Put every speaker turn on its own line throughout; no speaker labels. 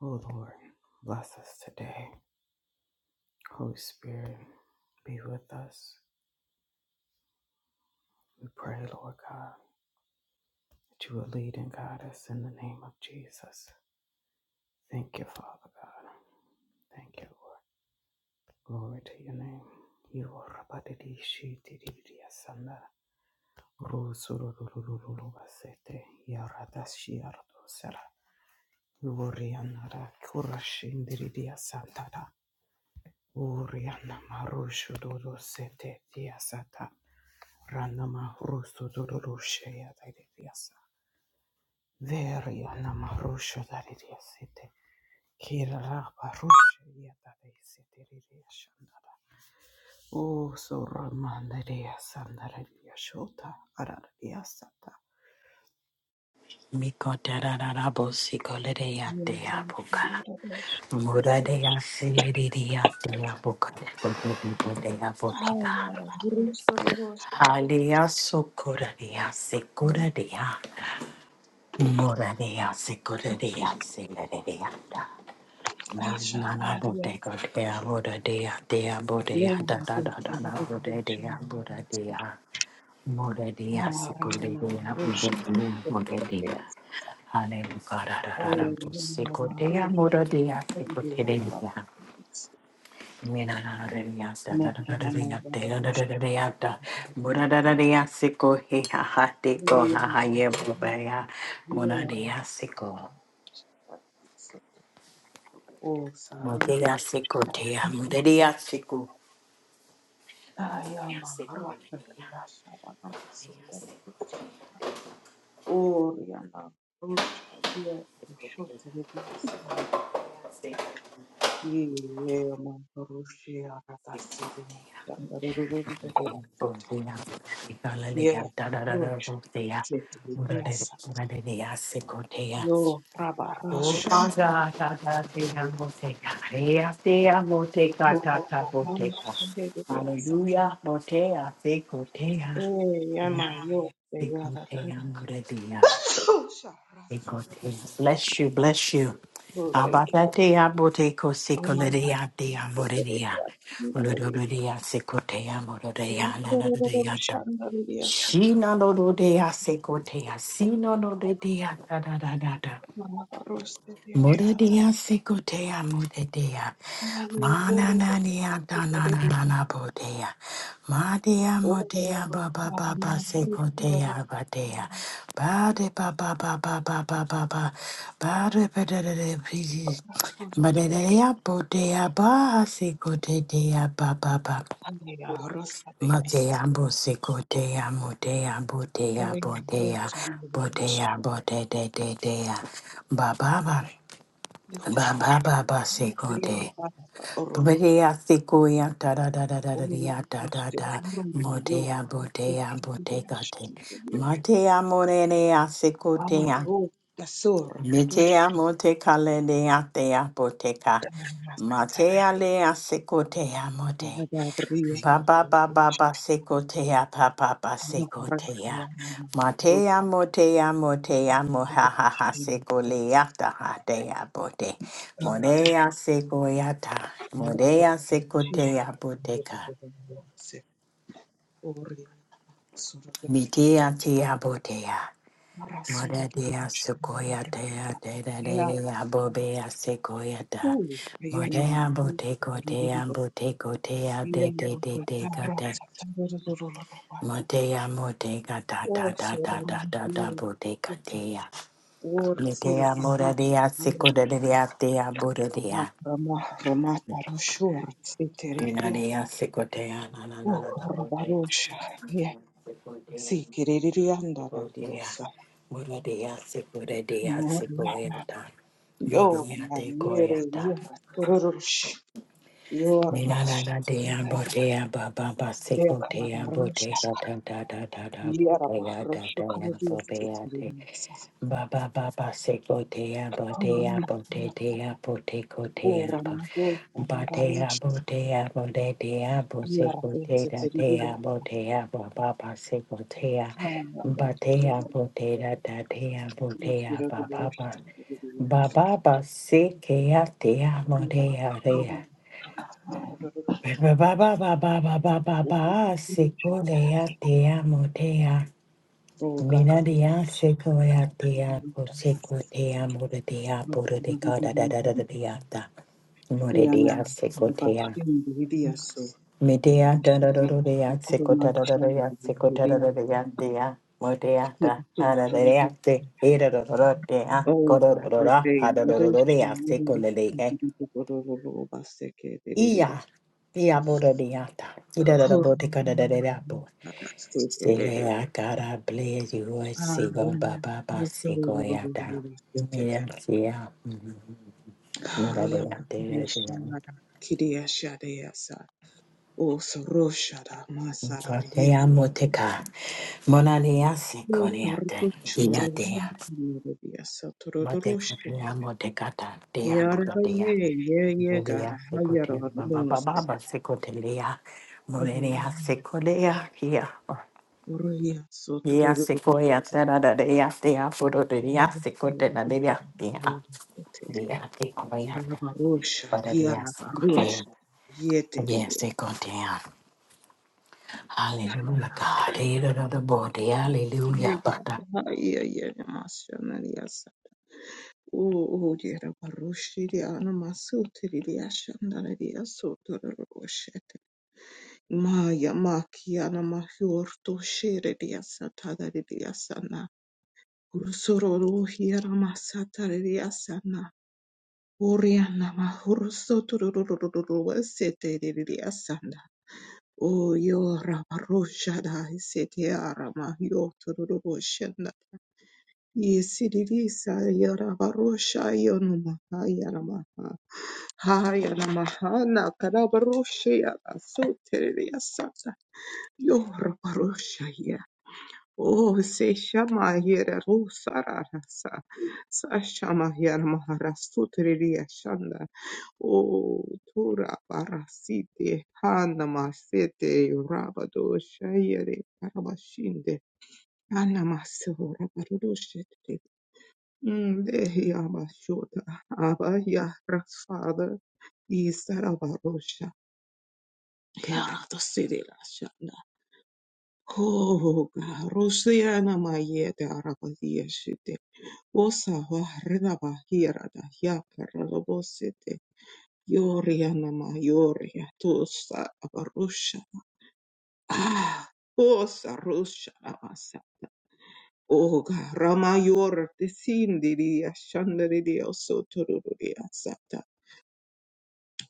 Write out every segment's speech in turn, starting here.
Oh Lord, bless us today. Holy Spirit, be with us. We pray, Lord God, that you will lead and guide us in the name of Jesus. Thank you, Father God. Thank you, Lord. Glory to your name. You are Rabadidishitididiyasanda. Rosorororororobasete. Yaradashiyarotosera. Yoriyanara kurashindiridiyasandara. Oriana Marusho Dodo Sete Diasata Ranama Russo Dodorushea Diasa Veriana Marusho Daria Sete Kirapa Rushea Dade Sete Shandara O Soramanda Dea Sandara Shota Aradia Sata
Mikotararabo sikolereatea boka. Muradea silidiatea boka. Bodea bodega. Halea sokoradea sikoradea. Muradea sikoradea silidia. Nonana bodega dea bodea dea bodea da da da da da bodea bodea. Muradea sikoradea bodea bodea. Hallelujah.
Yeah, roach. Zeti bibiasa. Yo, praba roshon.
Upada ta ta te amo te karea te amo te ka
Yo,
ta ta po te ka.
roshon de bibiasa.
Hallelujah. Motea, sekotea.
Eh, yama yo, the yada da da
Sekotea,
da.
moredia.
Oh, sharasu de
Sekotea. Bless
bibiasa.
you, bless you.
Oh, thank you.
Abadatea, boteko,
Oh my God.
sekolerea, dea,
De
moredia.
bibiasa.
Olodododia, sekotea, morodea, nanadodea, da.
roshan da bibiasa.
Shina no do dea, sekotea. Si no do de dea, da da da da da.
Praba rosh de bibiasa.
Mudadea sikotea mudadea.
Na yo, the ro ro
Mananania
de bibiasa.
dananana bodea. Madea
Oh, oh,
modea
oh.
baba
Na
baba
na na.
sikotea badea. Bade baba baba baba baba. Bade badadada pieces.
Ro ro ro.
Madadea bodea ba sikotea baba baba.
Andeya rosa de yasu.
Matea bo sikotea modea bodea
Orena
bodea.
rocha de yasu.
Bodea bodea bodea. Baba baba. Ba
Ihora.
ba ba ba seko
Iya
de.
baba orosa.
Bodea seko ya da da da da da da
Omeni
da da da
rote.
da.
Orena yo
Modea
korosi
bodea
de
bodega
yasu.
te. Matea morene ya seko te
Ame
ya.
ro da sora padosha.
Metea mote kale de ya te ya boteka.
Kanan mas petara.
Matea le ya seko te ya mote.
Anada bria
Ba ba
totro.
ba ba ba sekotea ba ba ba
Ano rakia
sekotea.
mama
Matea
rosa.
motea motea moha ha ha sekolea ta ha dea bote.
Ora e
Modea sekoyata.
mura
Modea
rosa. Shima.
sekotea boteka.
Ora.
Mitea tia botea.
Marasuru to the
Modea
bush and Marathon.
sekoyata da da da
Yeah,
da bobea sekoyata.
ooh, the yellow
Modea
Maharu,
boteko
the Rubu,
tea boteko tea
here,
de de de de Matea modega da da
oh,
da
so the
da da da da
Maharu,
bodega dea.
or see it
Metea
to be
moradea sicodea dea bodea.
Rama, Ramata, Roshur, Siteria,
Minadea sicodea na na na
oh,
na na bodea.
Rabarusha, yeah,
Sicodea,
see, Kiririanda,
sicodea.
Rosa,
Moradea sicodea
Morna,
sicoeta.
yo,
Bodea
and I'm
de
near a
coeta.
year, Your Jorvaša,
Minada dea bodea baba ba sicodea
Bekravaroša,
bodega da da da da da bodega da
Jervaroša,
da da
Karalystė
bodea
Vilniuose,
Ba ba ba ba se bo te ya bo te ya bo te
Uranavieta,
te ya bo te ko te ya ba
Uranavieta,
ba te ya
Navaroša,
bo te ya bo te te ya bo se bo te
Jervaitė
da te
Vilniuje,
ya bo te ya ba ba ba se bo te ya
Kanaga,
ba te ya bo te da da te ya bo te
Rusų
ya ba ba ba
Reguliuošė Vilniuje,
ba ba ba se ke ya te ya mo te
Bulgarija,
ya re ya
the Reguliuošė
ba ba ba ba ba ba ba ba ba ba se ko le ya te ya mo te ya Mina dia seko ya dia po seko te amo de dia po de de da da da
Vilniuje,
da da dia ta mo
Jana,
dia seko te
Rvaškė,
me dia da da da da dia seko da da da da dia seko da da da da dia dia mo dia da ha da da dia te e da da da da dia ko
Oh,
da da da
my
da ha
thing.
da da
Let
da da
us
dia
know
seko le le ke
the Basekere.
iya iya mo dia ta i da da da
Oh,
bo te ka da da da da po Sile akara ble yuwe sigo baba ba sigo yada. Mira tia. Mira
that's
de ate de ya.
the Oh, Soroshada, Masara,
Sote
you.
ya moteka. Mona de ya sigo
Oh,
de ate. Dina
Ruchuru,
de ya. Mote kote
Yasatoroshi.
ya moteka ta. De ya
Yara
budo de ya.
ye ye ye
Mode
ga
ya sigo te
hayara
baba
namaste.
baba ba sigo te de ya. Mone de de ya. Ya.
Oraya
Ya
sotororo
sigo ya tera de ya. na de ya. De ya.
te
De ya sigo
anabarosha
Father,
ye
yes, it go down.
anabarosha ye teriri.
Yes, it go down. Hallelujah, God. Eh, da, da, da, bo, de,
Ye
Hallelujah,
ga
Father.
haye ye namaste nariyasa. O o ye anabaroshi ye anamasu teriri ashandarariya sotororo oshete. Maya makia namahiorto shere riyasa tadaririya Ursororo hiera masataria sana. Oriana mahurso tururururu seteria sana. O yo rabarosha da seteara mahio turururu shanda. Yesirisa yarabarosha yonumaha yaramaha. Hayana mahana karabarosha yarasoteria sana. Yo rabarosha Oh, se shama yera ro sararasa, sa shama yera maharasutriya shanda. Oh, tura barasite hana masete rabado shayere karabashinde hana maso rabarudoshete. Nde yama shota aba ya father is sarabarosha. Yara to sidi Oh God, Rosiana Mayete Arabadia Shite, Osawa Renabahira da Yakara Lobosite, Yoriana Mayoria Tosa Abarusha. Ah, Osa Rusha Abasa. Oh God, Ramayor, the Sindiria Shandaridia Sotururia Sata.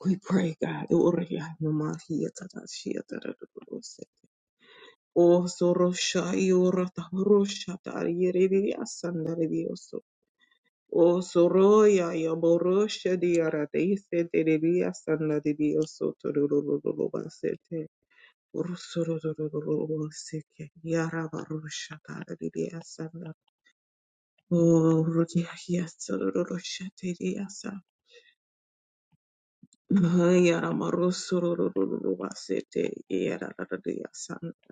We pray, God, Oriana Mahieta Shia O Sorosha Yorata Rosha Tariya Sandarioso. O Soroya Yaborosha Diarataise Terelia Sandarioso Torobobasete. Urusorobobaseke Yarabarosha Tariya Sandar. O Rudia Sorosha Teriasa. Yaramarosorobobasete Yarataria Sandar.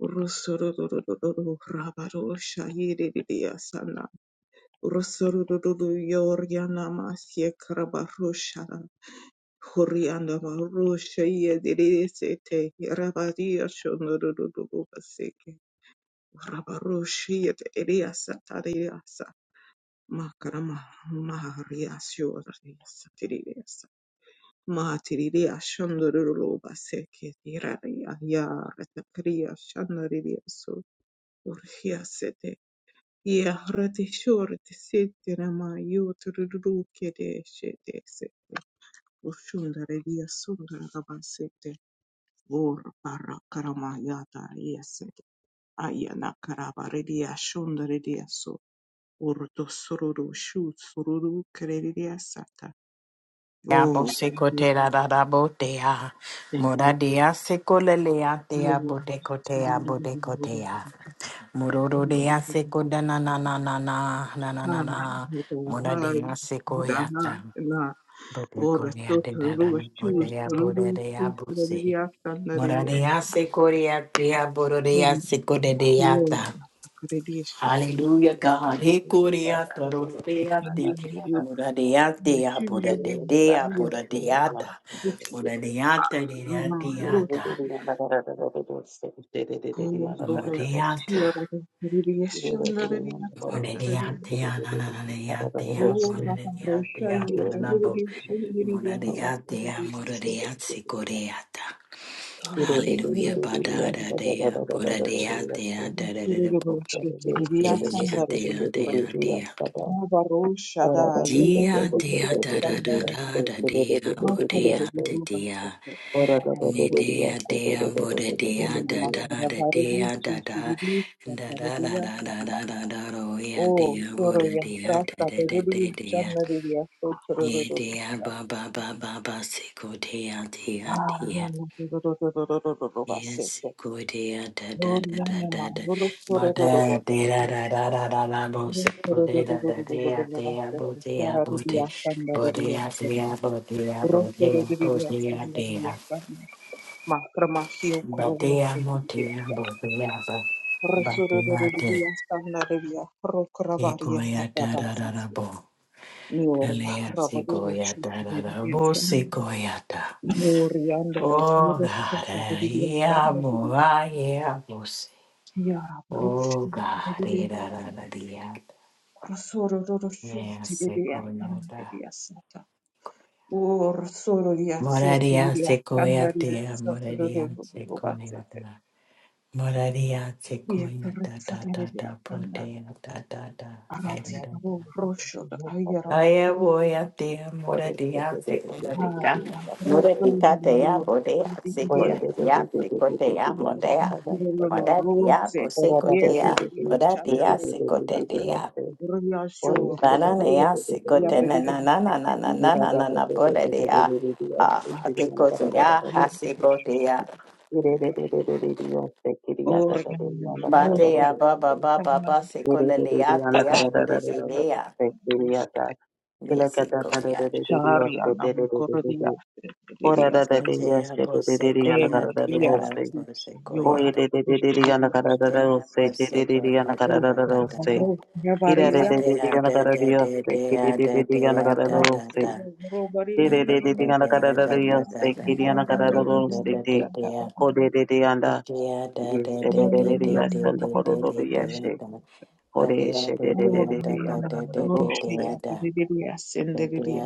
Rusurudurudu Rabaru Shahiridia Sana Rusurudu Yoriana Masye Krabarushara Huriana Marusha Yedirisete Rabadia Shonurudu Baseke Rabarushi et Eliasa Tariasa Makarama Mahariasio Satiriasa Matiridia Shonuru Baseke Iraria Yar at the Kriya Shanaridia Su Urhiasete Yeah, rati shore te sete na ma yo tururu kede shete se ushunda redia sunda raba sete vor para karama yata yesete ayana karaba redia shunda redia so urto sururu shu sururu keredia sata
Abo
oh
seko te
yeah,
da da da bo te a,
thank
mora
you
de seko le le a te a
Lord.
bo te ko te a
Sururu,
bo te
sururu,
ko te
sururu.
a, mororo
Hi,
de a seko da na na na na na na na na na,
hi, hi,
mora de
hi,
seko ya ta,
hi, hi.
bo te ko
Ora
ne a de
sotto le
da da
loro
na bo te
shoes,
a
le
bo de
loro
de a
shoes,
bo
le
se.
riasta, Oh,
Moradea
riasta.
se corea tria
Ora,
bororea se
ora,
ta.
credisci, le
Hallelujah, God. He Hekuria tororeate. Muradeatea, buradetea, buradeata. Buradeata, deateata. Mureata. Mureatea, nanananeatea, buradeatea, nananabu. Muradeatea, muradeatsi, koreata. Hallelujah, badada dea, buradeatea, dadadadabu.
Thank
Eliatea,
you.
deatea.
Rabaroshada
Ora
Dia
yetereriya
dea da da da
sanayide.
da da dea
master,
bodea da
yetereriya
dea ne
sanayide.
dea dea boda dea da
Anama
da da
rabareri
dea da da
çekiriri
da
master,
da da da da da
sanayide.
da da roya
O
dea boda
soruya
dea da
rasta
da da da
veririya
dea
sanayide.
ye
Sotururururu.
dea ba ba ba ba ba siko dea dea
Ah,
dea
yana dururururururu
Yes,
bahsetti.
good da da da
Doğru
da da
yanlama,
da da.
vurup
Ba
dururururu
da da
bahsetti.
da da da da da da. Bo se
Vurup
bo da da da da
dururururururu
da bo
bahsetti.
da
Zararı
bo da
bir yastan, zararı
bo
bir
da
yastan.
da bo da
Vurup
bo da
durururururu
bo
yastan,
da
zararı bir
da.
yastan. Macramasio
Ba
Corona
da mo
Revia,
da bo da ba ba da da.
Resurreviasta Narevia,
E go
Procravaria
ya da da da
Hatavasi,
da bo.
Nuria,
Ele ya se go
Rabadura
ya da da da bo
Shukiasta,
se go ya da.
Nurianda
Oh God,
Rosetta Reviasta
yeah,
Narevia,
boy, yeah, boy.
Yara Brush,
Oh God,
Rebidia
ira la
Stana,
la dia,
Resura Shuk Rebidia Stana Revia,
me
Resurroroshuti
hace
Reviasta
coñada.
Narevia Sata, Or Sororia
Moraría
Sietia,
se
Candaria
coñate,
Saturro
moraría se
Basete,
coñata. Moraría se
Yet
da da da,
Ritsataria
ta, protea, da da da. era da
Aratsibo
da.
Rosho Ayarama
Ay, voy a ti, moraría se coñata.
Ruparia Rosso
Moraría te ya,
Lulu
moraría se
India
coñata, se coñata, moraría. Moraría,
Rose
pues se
Yeti
coñata,
Shabla
moraría se
Rita
coñata.
Ruya Shore
Bananea
Ruya
sikotenanananananananana bodea ah
Baby
akekotea hasikotea
Ore
Organ Rosa
batea baba baba
Sama
basekolelea tea bodea
Samaria Rosa
mesikoyata
Sharia Namukordia Lidia
mikontea
Ele
bosekoyata
Yara
yada
Yora
bosekoyata
Rosso
batea bosekoyata
Oh,
da da da da
Baro, Barabaria,
batea da da da da da da da
Baro,
da da
Baro,
na
Barili,
da da
Dini,
da
Kiti,
da
Dini,
da da da da da da
Baro, Dini,
da da
Shanta,
da
Baro,
Mude
Yes,
Roshi, Apediria, Senderia,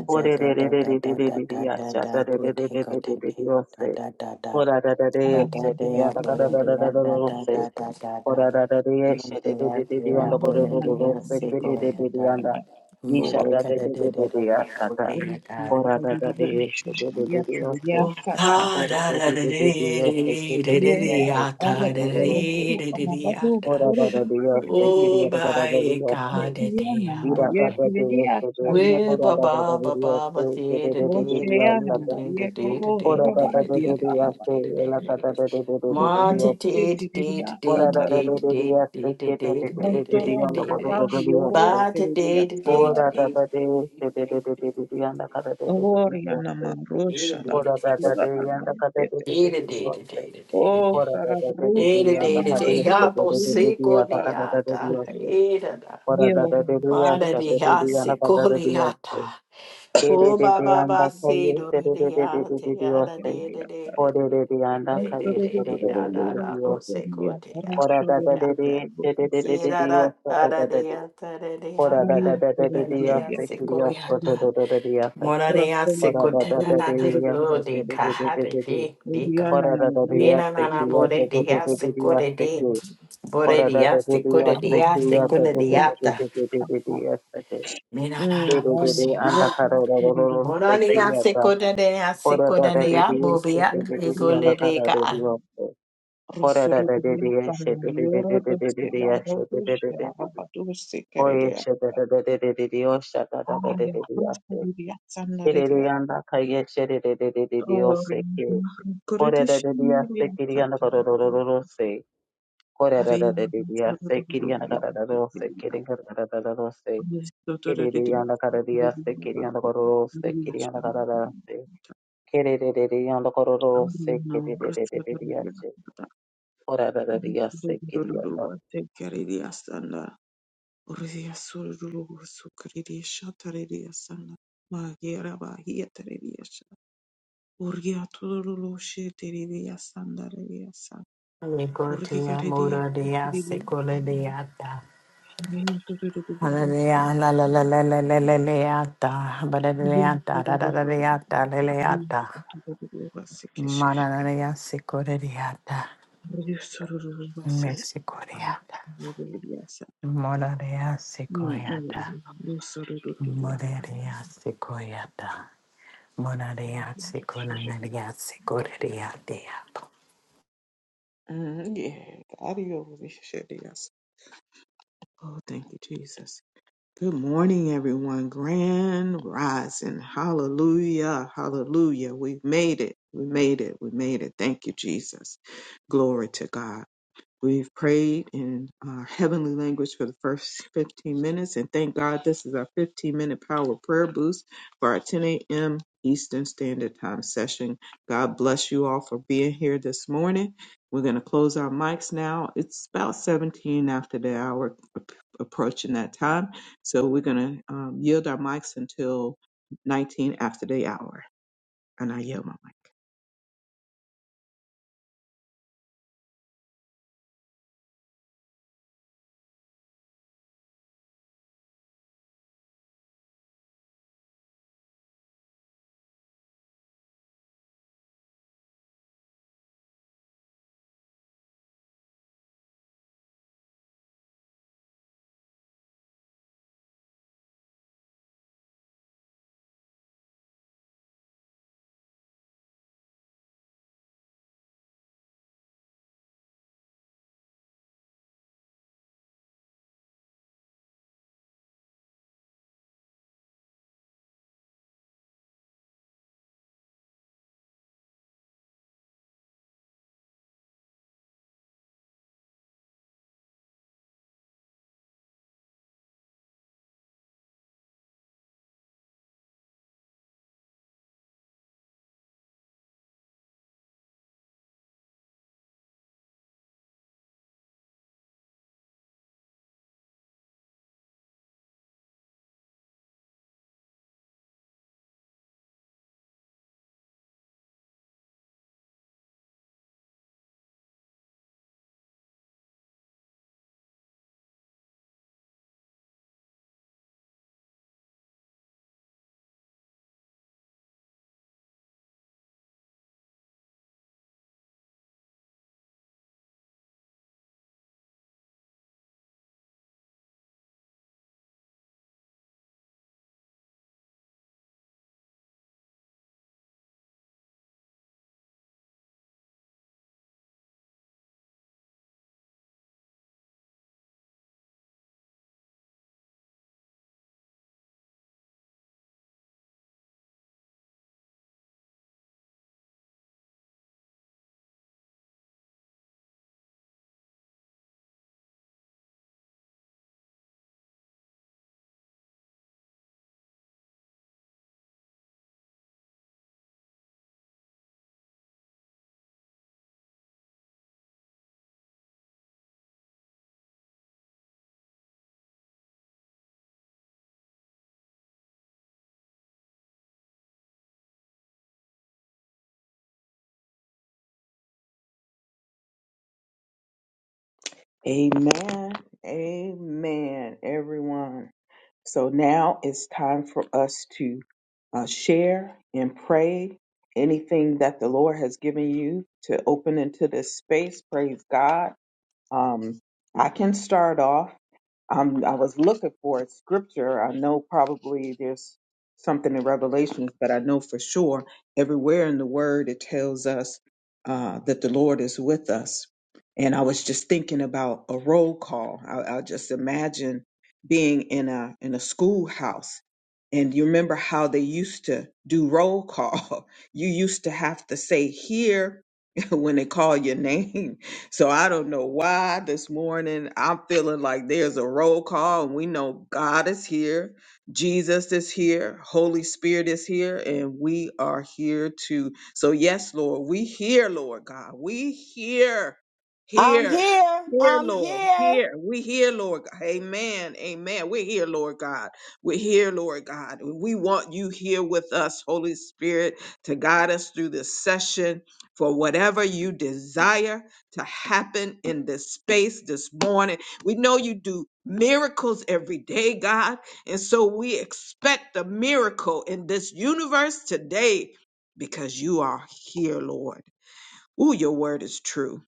Lord,
kada da da da da da da
Roshi,
da
Roshi, Yatiria,
Oh
Sata,
ah, da da da dee, dee, dee, dee, dee, dee,
Yeva,
ah, ta, da
Albert, Roshi,
dee, dee, dee, dee, ah,
Abadu,
ta.
Ora da da Dios te
Roshi,
Oh,
quería da da da
my
Dios te
God, the day I
Yanama
ira
broke.
da
ye
da Dios
kriya
te de
We
ora
ba
chandarana.
da da da
ba ba
Dios
ba
te
ba
que
day
de
da
de de
day da
Dios
day
Oshayana
da day da
ye
day da
koro
day da day da day
rabadiya
da day da
araba.
day da day da day. da day the
Murti
te
day the day the day
tiriya
ora
the
da da da
chandarana.
Dios te la da da de de de de Dios te ora da da da Dios
day
te
the day
que de de de de
the day the day the day the
Dios
Rostoro
lo
day the
codo
day.
do
rabadi
Dios
yoro
te
Ba the day
tiriya
the day the
ora da
day
chandarana.
da de de
the
de
day
de de de de Dios la da da de de de de Dios
Oryanama
te
the
roshada.
day
ora da da de
Yogarana
Dios la da da de
yete.
de de Dios te
the day the day.
O
ora da da de de de
karabruki
Dios
Ere
la
de
da da
de
yanama
de ha
yoro
bo
de de de Dios la
kuru.
se
da da de Dios
da.
Ora
Ye
da da de de
oryanama
Ma de
yasta de de
ha
de
shodarana.
yana
se
ka da
ko
de
de
de yasta. Ke de
O
de
ba
de
Star.
ba
yanda
ba
ka
se do
yeste
do
de de
de
de de de
ata.
de de
Ya da
yasta.
de de de
O
de
de
de.
de de yanda
De
ka
de
yeste
de
de
de
de de
da
de
da
de de
da bo
yasta.
se ko de ya bo
Ora da da de de de de de de
Ye
de
da
de
da
yasta
da
da
da
da da
de
de.
ata de de
Ora da da
ata.
da da de
Ba da
de
de ya
yasta
se
ki de
ko ya
yasta da
ta.
da da da de yasta.
Mo de ya se
Ora
ko
da da
na
da
na
de de
na.
yasta
O de
de de
ka
de de
ha
de
de
de de.
de de ka.
Ora da da de
Me na
yasta
na na
ki
bo
yasta
de
de
de
de
ya
de de
se
de
ko de
yasta
de.
ki.
Bore
Ora da da de
diaste,
de
kore
yasta ki
diaste,
yasta
kore
de de de de
diata.
de de de de yasta.
Mina na na koseka.
Ore
Mora diaste, kore diaste, kore dia, bobia, ekole deka.
Rosso di via, parmiglioro, dosse, garo, pesce, arabato, dosse, Arya Ruskaridia Sandaria Gloria Kurudishimidia Sataria Arya
Kiririanda karariyase kiriyanda kororose kiriyanda kararase kiririyanda kororose kiriririyase korarariyase kiriyanda.
Ruskaridia Sandaria Magia Rabahiataridia Urgia Tululu Shitiridia
Eko tua
Urkikaridi
mora
riri
diaste, kore diata.
rinotorerukirwasi
Hallelujah, la la la la la la la leata, bada leata, da da da leata, la leata.
rinotorerukirwasi
Mana
keshakari
na diaste, kore diata,
rinotorerukirwasi
Mexico diata.
rinotorerukirwasi
Mora diaste, kore diata. Mora
rinotorerukirwasi
diaste, kore diata. Monadeyatsi,
shakari
konanadeyatsi, kodadeyateyapa.
ariyo rishiriyasi Oh, thank you, Jesus. Good morning, everyone. Grand rising. Hallelujah. Hallelujah. We've made it. We made it. We made it. Thank you, Jesus. Glory to God. We've prayed in our heavenly language for the first 15 minutes, and thank God this is our 15 minute power prayer boost for our 10 a.m. Eastern Standard Time session. God bless you all for being here this morning. We're going to close our mics now. It's about 17 after the hour, ap- approaching that time. So we're going to um, yield our mics until 19 after the hour. And I yield my mic. Amen. Amen, everyone. So now it's time for us to uh, share and pray anything that the Lord has given you to open into this space. Praise God. Um, I can start off. I'm, I was looking for a scripture. I know probably there's something in Revelations, but I know for sure everywhere in the Word it tells us uh, that the Lord is with us. And I was just thinking about a roll call. I, I just imagine being in a in a schoolhouse, and you remember how they used to do roll call. You used to have to say here when they call your name so I don't know why this morning I'm feeling like there's a roll call and we know God is here, Jesus is here, Holy Spirit is here, and we are here too. So yes, Lord, we hear, Lord God. We hear,
I'm
hear,
here.
hear,
I'm
Lord,
here.
hear. We hear, Lord. God. Amen. Amen. We're here, Lord God. We're here, Lord God. We want you here with us, Holy Spirit, to guide us through this session for whatever you desire to happen in this space this morning. We know you do miracles every day, God. And so we expect a miracle in this universe today because you are here, Lord. Ooh, your word is true.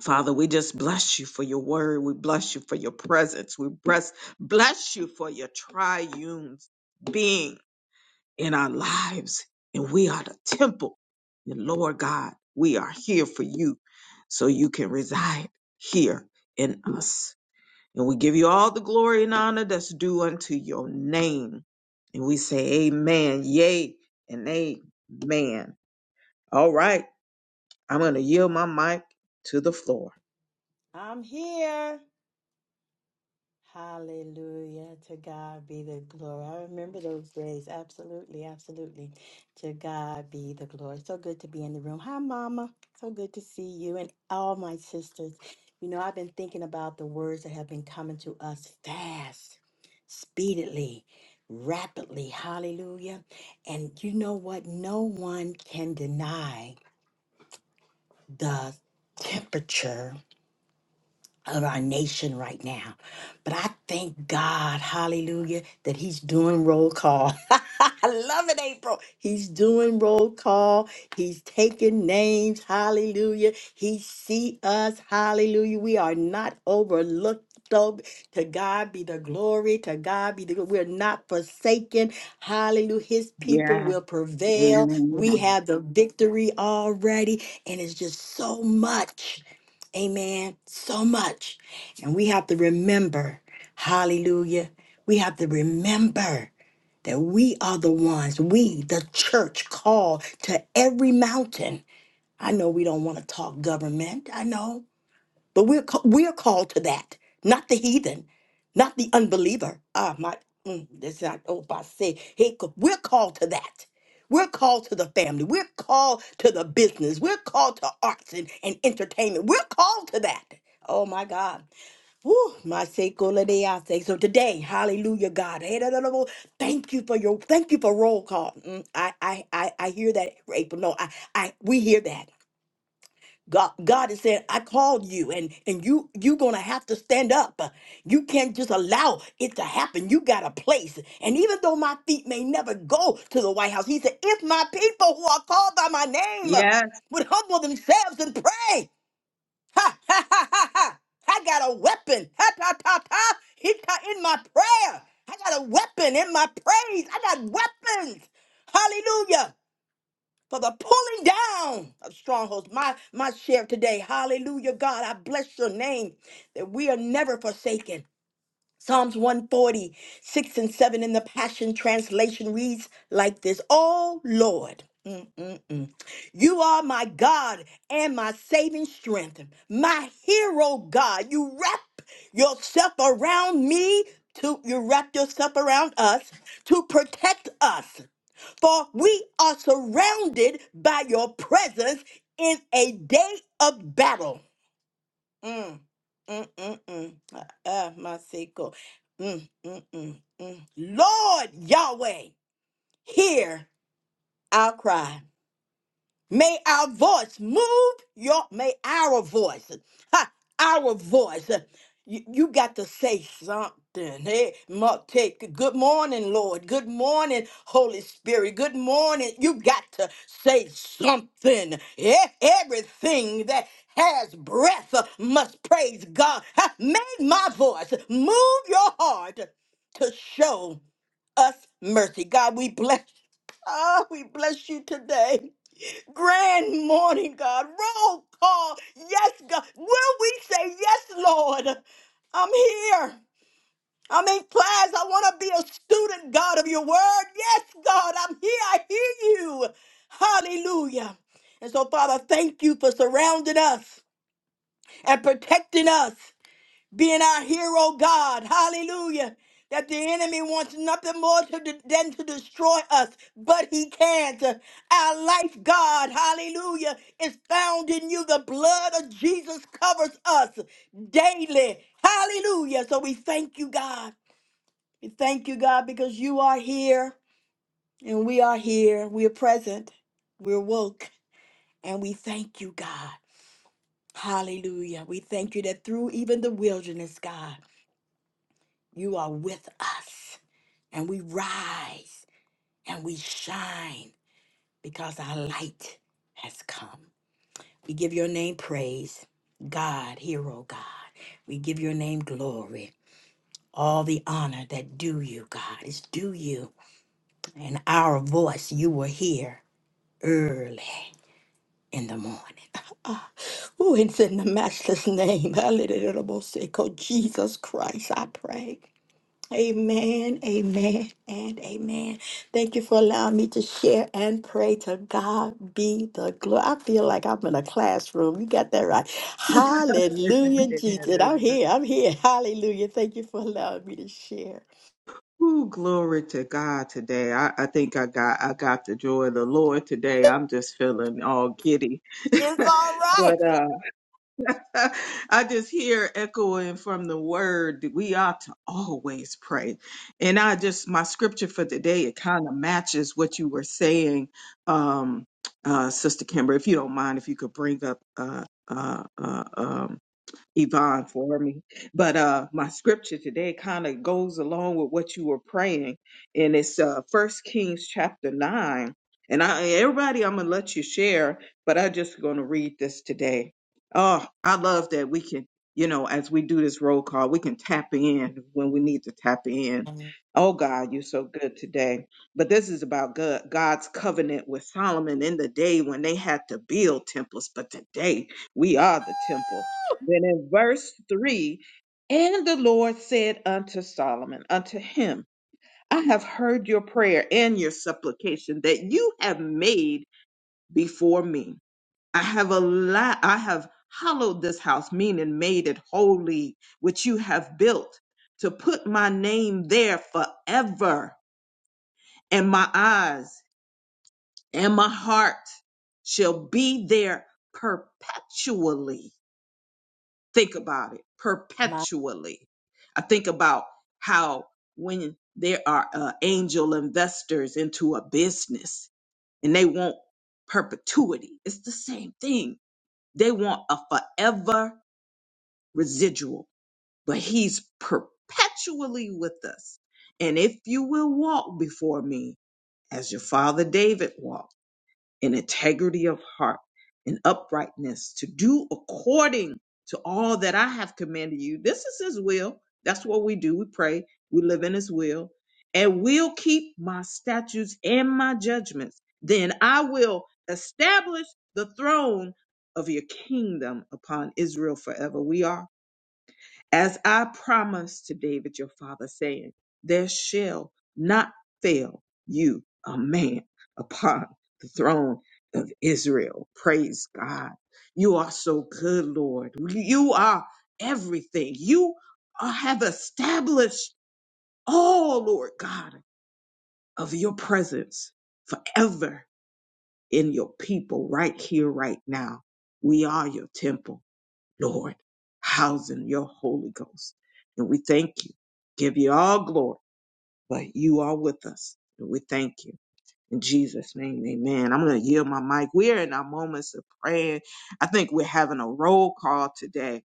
Father, we just bless you for your word. We bless you for your presence. We bless, bless you for your triune being in our lives, and we are the temple. And Lord God, we are here for you so you can reside here in us. And we give you all the glory and honor that's due unto your name. And we say, Amen, yea, and amen. All right, I'm going to yield my mic to the floor.
I'm here. Hallelujah. To God be the glory. I remember those days. Absolutely. Absolutely. To God be the glory. So good to be in the room. Hi, Mama. So good to see you and all my sisters. You know, I've been thinking about the words that have been coming to us fast, speedily, rapidly. Hallelujah. And you know what? No one can deny the temperature of our nation right now. But I thank God, hallelujah, that he's doing roll call. I love it, April. He's doing roll call. He's taking names. Hallelujah. He see us. Hallelujah. We are not overlooked. though. To God be the glory. To God be the glory. We're not forsaken. Hallelujah. His people
Yes.
will prevail. We
Amen.
have the victory already. And it's just so much. Amen. So much. And we have to remember, hallelujah, we have to remember that we are the ones, we, the church, called to every mountain. I know we don't want to talk government. I know. But we're ca- we're called to that, not the heathen, not the unbeliever. Ah, my, mm, that's not. Oh, I say, hey, co- we're called to that. We're called to the family. We're called to the business. We're called to arts and, and entertainment. We're called to that. Oh my God. Woo, my seko lady, I say. So today, hallelujah, God. Hey, da, da, da, da, Thank you for your thank you for roll call. Mm, I, I I I hear that, April. No, I I we hear that. God, God is saying, I called you and, and you, you're going to have to stand up. You can't just allow it to happen. You got a place. And even though my feet may never go to the White House, he said, if my people who are called by my name
Yes.
would humble themselves and pray, ha, ha, ha, ha, ha. I got a weapon. Ha, ta, ta, ta. He ta- in my prayer. I got a weapon in my praise. I got weapons. Hallelujah for the pulling down of strongholds. My my share today. Hallelujah, God. I bless your name that we are never forsaken. Psalms one forty six and 7 in the Passion Translation reads like this Oh Lord, mm, mm, mm, you are my God and my saving strength, my hero God. You wrap yourself around me, to, you wrap yourself around us to protect us, for we are surrounded by your presence in a day of battle. Mm, mm, mm, mm. Ah, ah, my sicko. Mm, mm, mm, mm. Lord Yahweh, hear our cry. May our voice move your may our voice. Ha, our voice. You, you got to say something. Hey, mu- take good morning, Lord. Good morning, Holy Spirit. Good morning. You got to say something. E- Everything that has breath uh, must praise God. Ha, May my voice move your heart to show us mercy. God, we bless. Oh, we bless you today. Grand morning, God. Roll call. Yes, God. Will we say yes, Lord? I'm here. I'm in class. I want to be a student, God, of your word. Yes, God, I'm here. I hear you. Hallelujah. And so, Father, thank you for surrounding us and protecting us being our hero, God. Hallelujah. That the enemy wants nothing more to de- than to destroy us, but he can't. Our life, God, hallelujah, is found in you. The blood of Jesus covers us daily. Hallelujah. So we thank you, God. We thank you, God, because you are here and we are here. We are present. We're woke. And we thank you, God. Hallelujah. We thank you that through even the wilderness, God. You are with us, and we rise and we shine because our light has come. We give your name praise, God, hero God. We give your name glory. All the honor that due you, God, is due you. And our voice you will hear early in the morning. Ah, Oh, it's in the matchless name, hallelujah, Jesus Christ, I pray. Amen, amen, and amen. Thank you for allowing me to share and pray to God be the glory. I feel like I'm in a classroom. You got that right. Hallelujah, Jesus. And I'm
Amen.
here. I'm here. Hallelujah. Thank you for allowing me to share.
Ooh, glory to God today. I, I think I got I got the joy of the Lord today. I'm just feeling all giddy.
It's
but
all right.
uh I just hear echoing from the word that we ought to always pray. And I just my scripture for today, it kind of matches what you were saying, um, uh, Sister Kimber, if you don't mind, if you could bring up uh uh, uh um Yvonne for me. But uh my scripture today kind of goes along with what you were praying. And it's uh first Kings chapter nine. And I everybody I'm gonna let you share, but I am just gonna read this today. Oh, I love that we can, you know, as we do this roll call, we can tap in when we need to tap in. Oh God, you're so good today. But this is about God, God's covenant with Solomon in the day when they had to build temples. But today we are the temple then in verse 3, and the Lord said unto Solomon, unto him, I have heard your prayer and your supplication that you have made before me. I have allowed, I have hallowed this house, meaning made it holy, which you have built, to put my name there forever. And my eyes and my heart shall be there perpetually. think about it
My
perpetually. I think about how when there are uh, angel investors into a business and they want perpetuity, it's the same thing. They want a forever residual, but he's perpetually with us. And if you will walk before me as your father David walked, in integrity of heart, in uprightness, to do according to all that I have commanded you. This is His will. That's what we do. We pray. We live in His will. And will keep my statutes and my judgments. Then I will establish the throne of your kingdom upon Israel forever. We are as I promised to David your father, saying, There shall not fail you a man upon the throne of Israel. Praise God. You are so good, Lord. You are everything. You are- have established all, Lord God, of your presence forever in your people right here, right now. We are your temple. Lord, housing your Holy Ghost. And we thank you. Give you all glory, but you are with us. And we thank you. In Jesus' name, amen. I'm going to yield my mic. We're in our moments of prayer. I think we're having a roll call today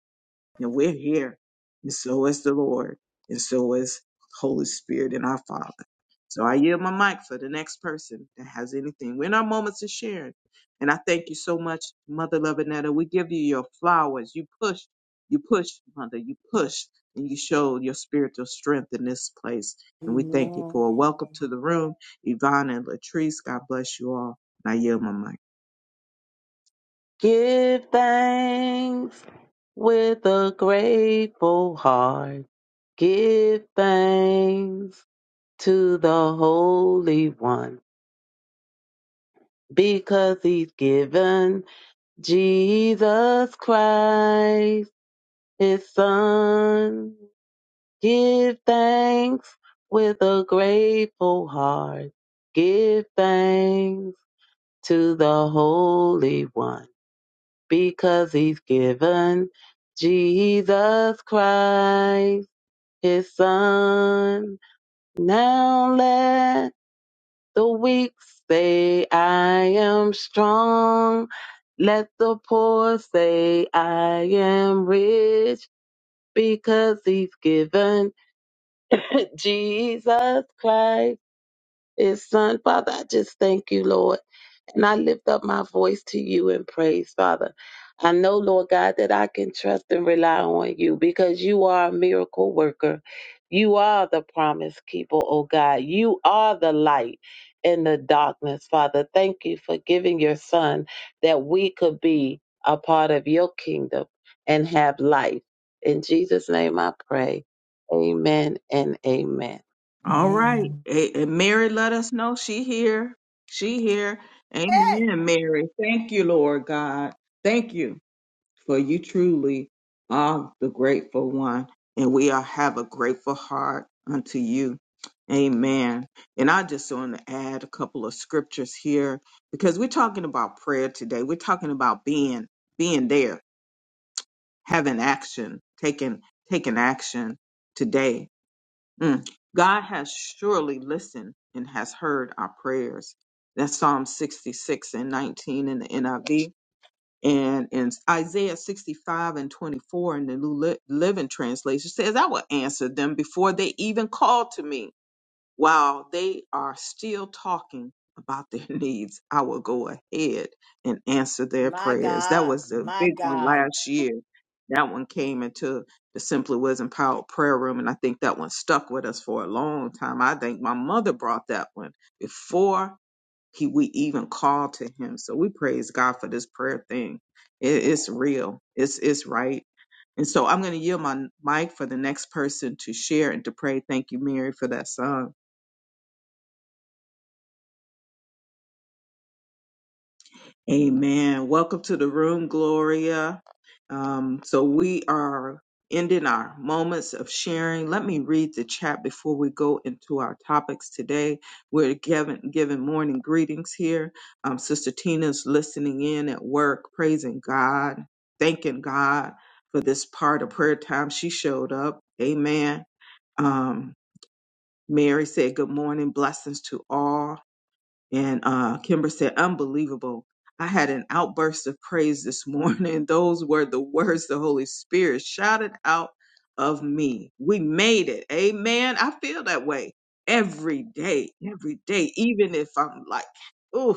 and we're here. And so is the Lord, and so is Holy Spirit and our Father. So I yield my mic for the next person that has anything. We're in our moments of sharing. And I thank you so much, Mother Lovinetta. We give you your flowers. You pushed, you pushed, Mother, you pushed, and you showed your spiritual strength in this place. And we thank you for a welcome to
man.
the room. Yvonne and Latrice, God bless you all. And I yield my mic.
Give thanks with a grateful heart. Give thanks to the Holy One because he's given Jesus Christ his son. Give thanks with a grateful heart. Give thanks to the Holy One because he's given Jesus Christ, his son. Now let the weak say, I am strong. Let the poor say, I am rich because he's given Jesus Christ his son. Father, I just thank you, Lord. And I lift up my voice to you in praise, Father. I know, Lord God, that I can trust and rely on you because you are a miracle worker. You are the promise keeper, oh God. You are the light in the darkness, Father. Thank you for giving your son that we could be a part of your kingdom and have life. In Jesus' name I pray. Amen and amen.
All right.
man.
A- And Mary, let us know she here. She here.
Hey,
Amen, Mary. Thank you, Lord God. Thank you for you truly are the grateful one. And we are, have a grateful heart unto you. Amen. And I just want to add a couple of scriptures here because we're talking about prayer today. We're talking about being being there, having action, taking taking action today. Mm. God has surely listened and has heard our prayers. That's Psalm 66 and 19 in the NIV. And in Isaiah 65 and 24 in the New Li- Living Translation says, I will answer them before they even call to me. While they are still talking about their needs, I will go ahead and answer their
my
prayers. That
God.
was the
My
big one
God.
last year. That one came into the Simply Wisdom Power Prayer Room, and I think that one stuck with us for a long time. I think my mother brought that one before he we even called to him. So we praise God for this prayer thing. It, it's real. It's it's right. And so I'm going to yield my mic for the next person to share and to pray. Thank you, Mary, for that song. Amen. Welcome to the room, Gloria. Um, so we are ending our moments of sharing. Let me read the chat before we go into our topics today. We're giving, giving morning greetings here. Um, Sister Tina's listening in at work, praising God, thanking God for this part of prayer time. She showed up. Amen. Um, Mary said, Good morning, blessings to all. And uh, Kimber said, unbelievable. I had an outburst of praise this morning. Those were the words the Holy Spirit shouted out of me. We made it. Amen. I feel that way every day, every day, even if I'm like, oof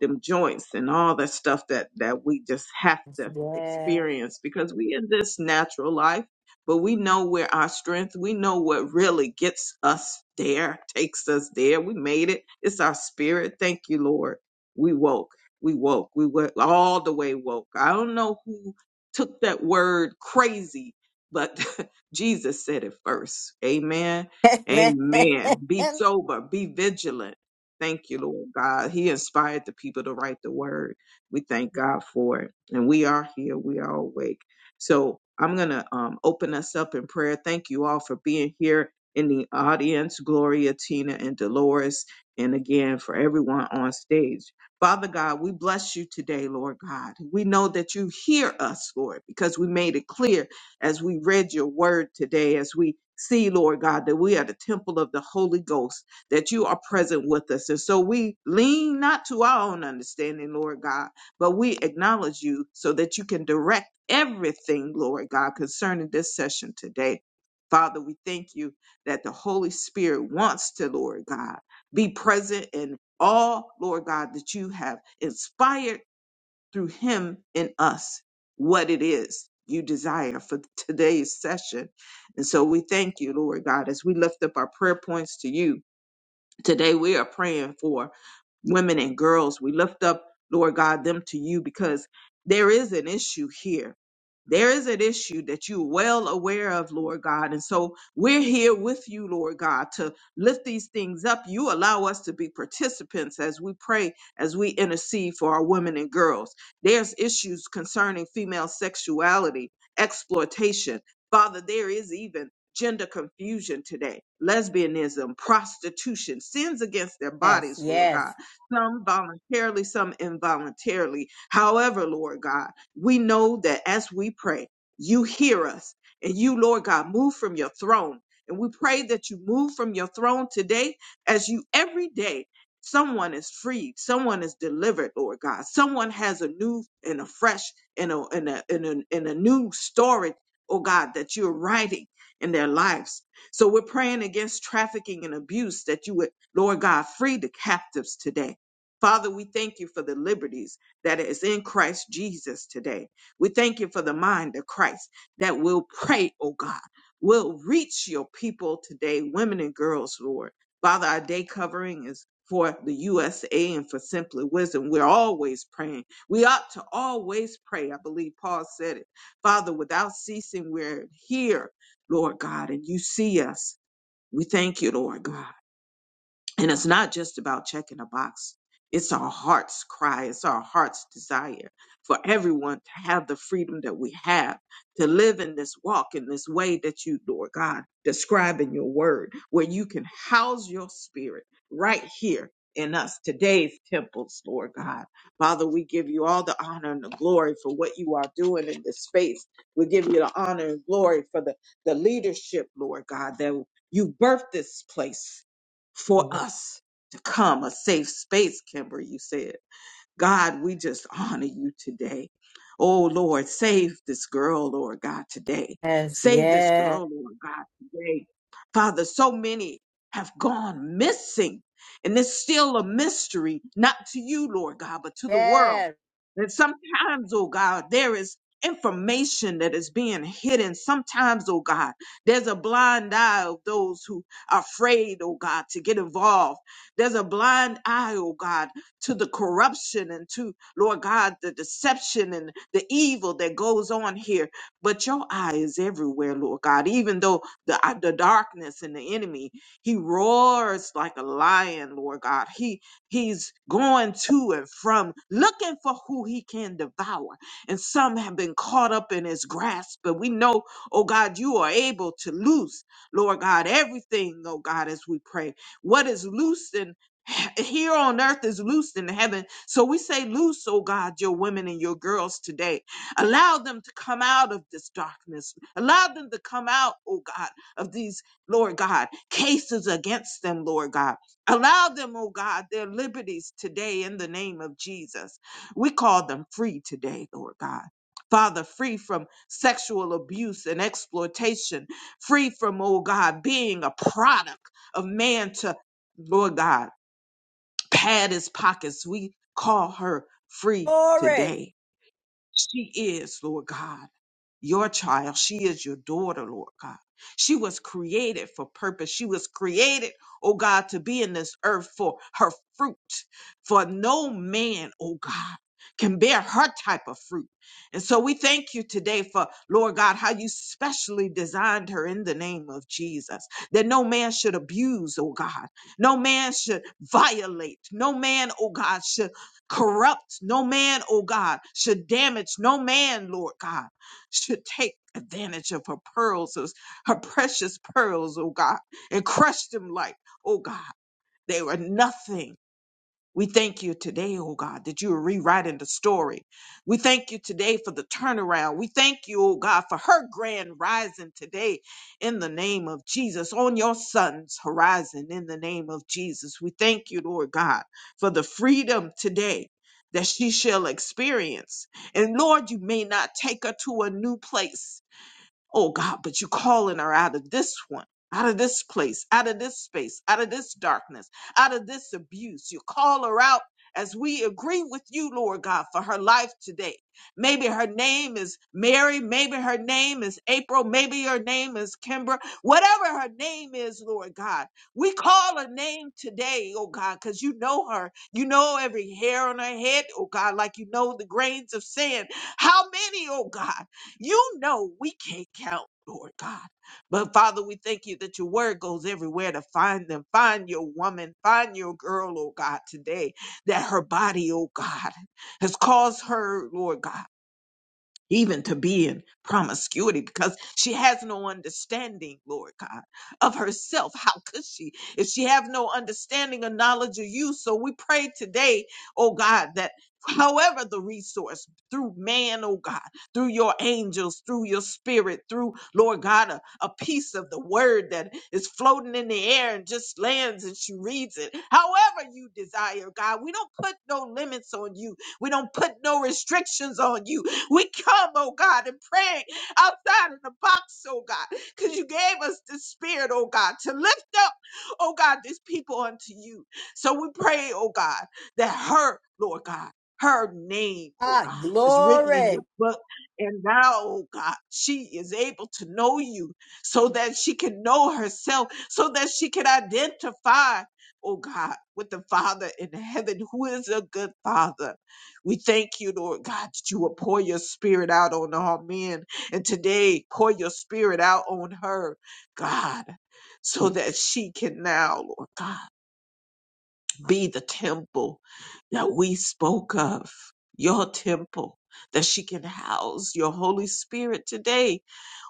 them joints and all that stuff that that we just have to
Yes.
experience because we in this natural life but we know where our strength we know what really gets us there takes us there we made it it's our spirit thank you lord we woke we woke we were all the way woke i don't know who took that word crazy but jesus said it first amen
Yes.
amen be sober be vigilant Thank you, Lord God. He inspired the people to write the word. We thank God for it. And we are here. We are awake. So I'm going to um, open us up in prayer. Thank you all for being here in the audience, Gloria, Tina, and Dolores. And again, for everyone on stage. Father God, we bless you today, Lord God. We know that you hear us, Lord, because we made it clear as we read your word today, as we see, Lord God, that we are the temple of the Holy Ghost that you are present with us. And so we lean not to our own understanding, Lord God, but we acknowledge you so that you can direct everything, Lord God, concerning this session today. Father, we thank you that the Holy Spirit wants to, Lord God, be present in all, Lord God, that you have inspired through him in us, what it is you desire for today's session. And so we thank you, Lord God, as we lift up our prayer points to you Today we are praying for women and girls. We lift up, Lord God, them to you because there is an issue here. There is an issue that you're well aware of, Lord God. And so we're here with you, Lord God, to lift these things up. You allow us to be participants as we pray, as we intercede for our women and girls. There's issues concerning female sexuality, exploitation. Father, there is even gender confusion today, lesbianism, prostitution, sins against their
Yes.
bodies, Lord God,
Yes.
some voluntarily, some involuntarily. However, Lord God, we know that as we pray, you hear us and you, Lord God, move from your throne. And we pray that you move from your throne today as you every day. Someone is freed. Someone is delivered, Lord God. Someone has a new and a fresh and a, and a, and a, and a new story, oh God, that you're writing in their lives. So we're praying against trafficking and abuse that you would, Lord God, free the captives today. Father, we thank you for the liberties that is in Christ Jesus today. We thank you for the mind of Christ that will pray, oh God, will reach your people today, women and girls, Lord. Father, our day covering is for the USA and for Simply Wisdom. We're always praying. We ought to always pray. I believe Paul said it. Father, without ceasing, we're here Lord God, and you see us. We thank you, Lord God. And it's not just about checking a box. It's our heart's cry. It's our heart's desire for everyone to have the freedom that we have to live in this walk, in this way that you, Lord God, describe in your word, where you can house your spirit right here in us, today's temples, Lord God. Father, we give you all the honor and the glory for what you are doing in this space. We give you the honor and glory for the, the leadership, Lord God, that you birthed this place for us to come, a safe space, Kimber, you said. God, we just honor you today. Oh Lord, save this girl, Lord God, today.
Yes.
Save this
Yes.
girl, Lord God, today. Father, so many have gone missing, and it's still a mystery, not to you, Lord God, but to the world.
Yes.
And sometimes, oh God, there is information that is being hidden. Sometimes, oh God, there's a blind eye of those who are afraid, oh God, to get involved. There's a blind eye, oh God to the corruption and to, Lord God, the deception and the evil that goes on here. But your eye is everywhere, Lord God, even though the, uh, the darkness and the enemy, he roars like a lion, Lord God. He He's going to and from looking for who he can devour. And some have been caught up in his grasp, but we know, oh God, you are able to loose, Lord God, everything, oh God, as we pray. What is loosed here on earth is loosed in heaven. So we say, Loose, oh God, your women and your girls today. Allow them to come out of this darkness. Allow them to come out, oh God, of these, Lord God, cases against them, Lord God. Allow them, oh God, their liberties today in the name of Jesus. We call them free today, Lord God. Father, free from sexual abuse and exploitation, free from, oh God, being a product of man to, Lord God pad his pockets. We call her free
Glory.
today. She is, Lord God, your child. She is your daughter, Lord God. She was created for purpose. She was created, oh God, to be in this earth for her fruit. For no man, oh God, can bear her type of fruit. And so we thank you today for, Lord God, how you specially designed her in the name of Jesus. That no man should abuse, oh God. No man should violate. No man, oh God, should corrupt no man, oh God, should damage no man, Lord God, should take advantage of her pearls, those- her precious pearls, oh God, and crush them like, oh God, they were nothing we thank you today, oh God, that you are rewriting the story. We thank you today for the turnaround. We thank you, oh God, for her grand rising today in the name of Jesus, on your son's horizon in the name of Jesus. We thank you, Lord God, for the freedom today that she shall experience. And Lord, you may not take her to a new place. Oh God, but you're calling her out of this one, out of this place, out of this space, out of this darkness, out of this abuse. You call her out as we agree with you, Lord God, for her life today. Maybe her name is Mary. Maybe her name is April. Maybe her name is Kimber. Whatever her name is, Lord God, we call her name today, oh God, because you know her. You know every hair on her head, oh God, like you know the grains of sand. How many, oh God? You know we can't count, Lord God. But Father, we thank you that your word goes everywhere to find them. Find your woman, find your girl, oh God, today, that her body, oh God, has caused her, Lord God even to be in promiscuity because she has no understanding, Lord God, of herself. How could she if she have no understanding or knowledge of you? So we pray today, oh God, that however the resource through man, oh God, through your angels, through your spirit, through Lord God, a, a piece of the word that is floating in the air and just lands and she reads it. However you desire, God, we don't put no limits on you. We don't put no restrictions on you. We come, oh God, and pray outside of the box, oh God, because you gave us the spirit, oh God, to lift up, oh God, these people unto you. So we pray, oh God, that her, Lord God, her name, oh
Ah,
God, is written in your
glory.
book. And now, oh God, she is able to know you so that she can know herself, so that she can identify, oh God, with the Father in heaven, who is a good Father we thank you, Lord God, that you will pour your spirit out on all men. And today, pour your spirit out on her, God, so that she can now, Lord God, be the temple that we spoke of, your temple, that she can house your Holy Spirit today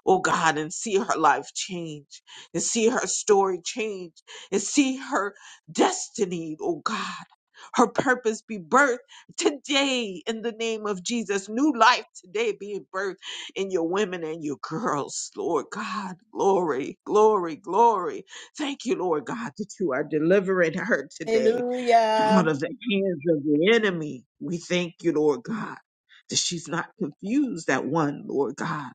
oh God, and see her life change, and see her story change, and see her destiny, oh God. Her purpose be birthed today in the name of Jesus. New life today being birthed in your women and your girls, Lord God. Glory, glory, glory. Thank you, Lord God, that you are delivering her today out
Hallelujah.
of the hands of the enemy. We thank you, Lord God, that she's not confused at one, Lord God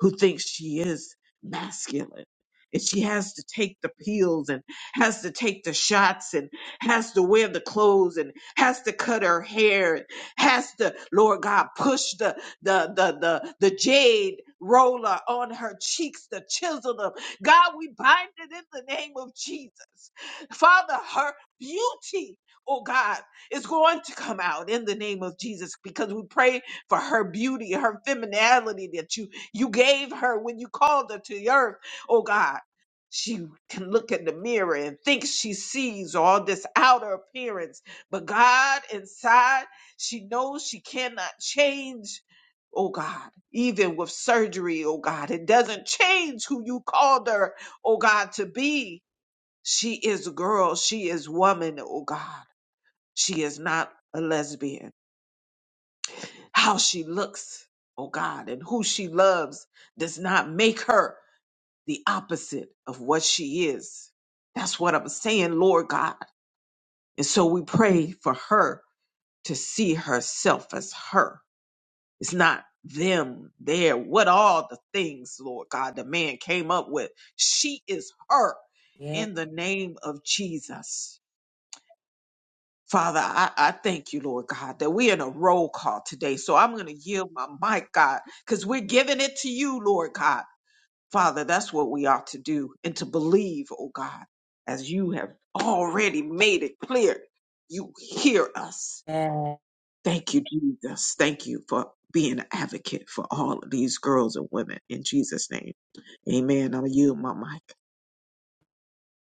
who thinks she is masculine. And she has to take the pills and has to take the shots and has to wear the clothes and has to cut her hair and has to, Lord God, push the the the the, the jade roller on her cheeks to chisel them. God, we bind it in the name of Jesus. Father, her beauty, oh God, is going to come out in the name of Jesus because we pray for her beauty, her femininity that you you gave her when you called her to the earth, oh God. She can look in the mirror and think she sees all this outer appearance, but God inside, she knows she cannot change. Oh God, even with surgery, oh God, it doesn't change who you called her, oh God, to be. She is a girl, she is woman, oh God. She is not a lesbian. How she looks, oh God, and who she loves does not make her the opposite of what she is. That's what I'm saying, Lord God. And so we pray for her to see herself as her. It's not them there. What all the things, Lord God, the man came up with. She is her
Yes.
in the name of Jesus. Father, I, I thank you, Lord God, that we're in a roll call today. So I'm going to yield my mic, God, because we're giving it to you, Lord God. Father, that's what we ought to do and to believe, oh God, as you have already made it clear. You hear us. Thank you, Jesus. Thank you for being an advocate for all of these girls and women. In Jesus' name, amen. I'm you, my mic.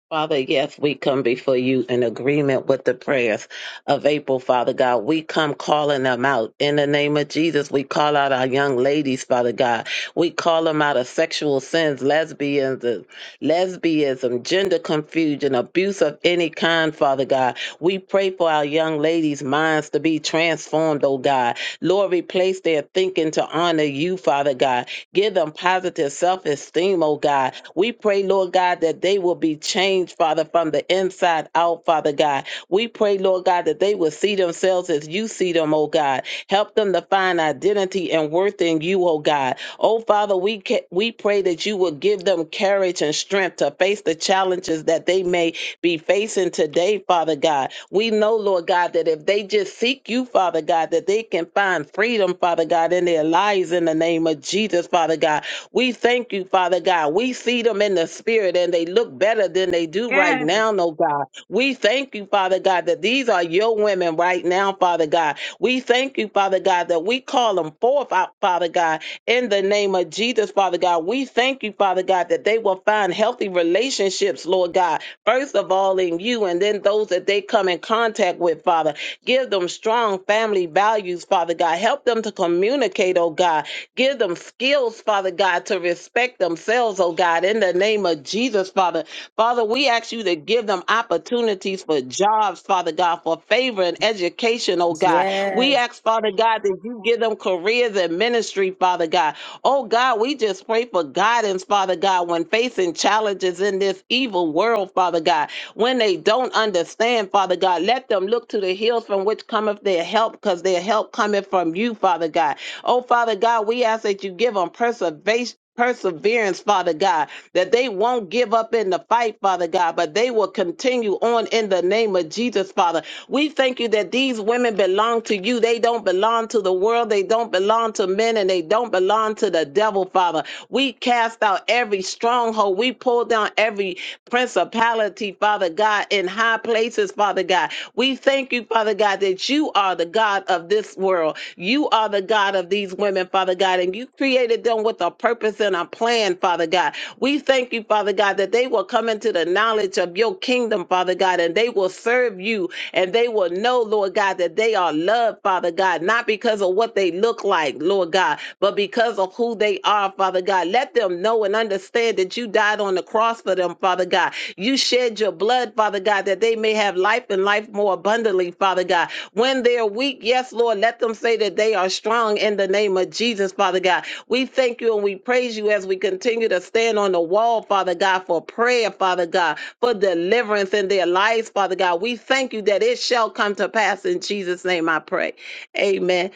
Father, yes, we come before you in agreement with the prayers of April, Father God. We come calling them out. In the name of Jesus, we call out our young ladies, Father God. We call them out of sexual sins, lesbianism, lesbianism, gender confusion, abuse of any kind, Father God. We pray for our young ladies' minds to be transformed, oh God. Lord, replace their thinking to honor you, Father God. Give them positive self-esteem, oh God we pray, Lord God, that they will be changed, Father, from the inside out, Father God. We pray, Lord God, that they will see themselves as you see them, oh God. Help them to find identity and worth in you, oh God. Oh Father, we ca- we pray that you will give them courage and strength to face the challenges that they may be facing today, Father God. We know, Lord God, that if they just seek you, Father God, that they can find freedom, Father God, in their lives in the name of Jesus, Father God. We thank you, Father God. We see them in the spirit and they look better than they do right
Yes.
now, no God. We thank you, Father God, that these are your women right now, Father God. We thank you, Father God, that we call them forth out, Father God, in the name of Jesus, Father God. We thank you, Father God, that they will find healthy relationships, Lord God, first of all in you, and then those that they come in contact with, Father. Give them strong family values, Father God. Help them to communicate, oh God, Give them skills, Father God, to respect themselves, oh God, in the name of Jesus, Father. Father, we ask you to give them opportunities for jobs, Father God, for favor and education, oh God. We
Yes.
ask, Father God, that you give them careers and ministry, Father God. Oh God, we just pray for guidance, Father God, when facing challenges in this evil world, Father God. When they don't understand, Father God, let them look to the hills from where from which cometh their help, because their help cometh from you, Father God. Oh, Father God, we ask that you give them perseverance. Perseverance, Father God, that they won't give up in the fight, Father God, but they will continue on in the name of Jesus, Father. We thank you that these women belong to you. They don't belong to the world. They don't belong to men and they don't belong to the devil, Father. We cast out every stronghold. We pull down every principality principality, Father God, in high places, Father God. We thank you, Father God, that you are the God of this world. You are the God of these women, Father God, and you created them with a purpose and a plan, Father God. We thank you, Father God, that they will come into the knowledge of your kingdom, Father God, and they will serve you and they will know, Lord God, that they are loved, Father God, not because of what they look like, Lord God, but because of who they are are, Father God. Let them know and understand that you died on the cross for them, Father God. You shed your blood, Father God, that they may have life and life more abundantly, Father God. When they're weak, yes, Lord, let them say that they are strong in the name of Jesus, Father God. We thank you and we praise you as we continue to stand on the wall, Father God, for prayer, Father God, for deliverance in their lives, Father God. We thank you that it shall come to pass in Jesus' name, I pray. Amen.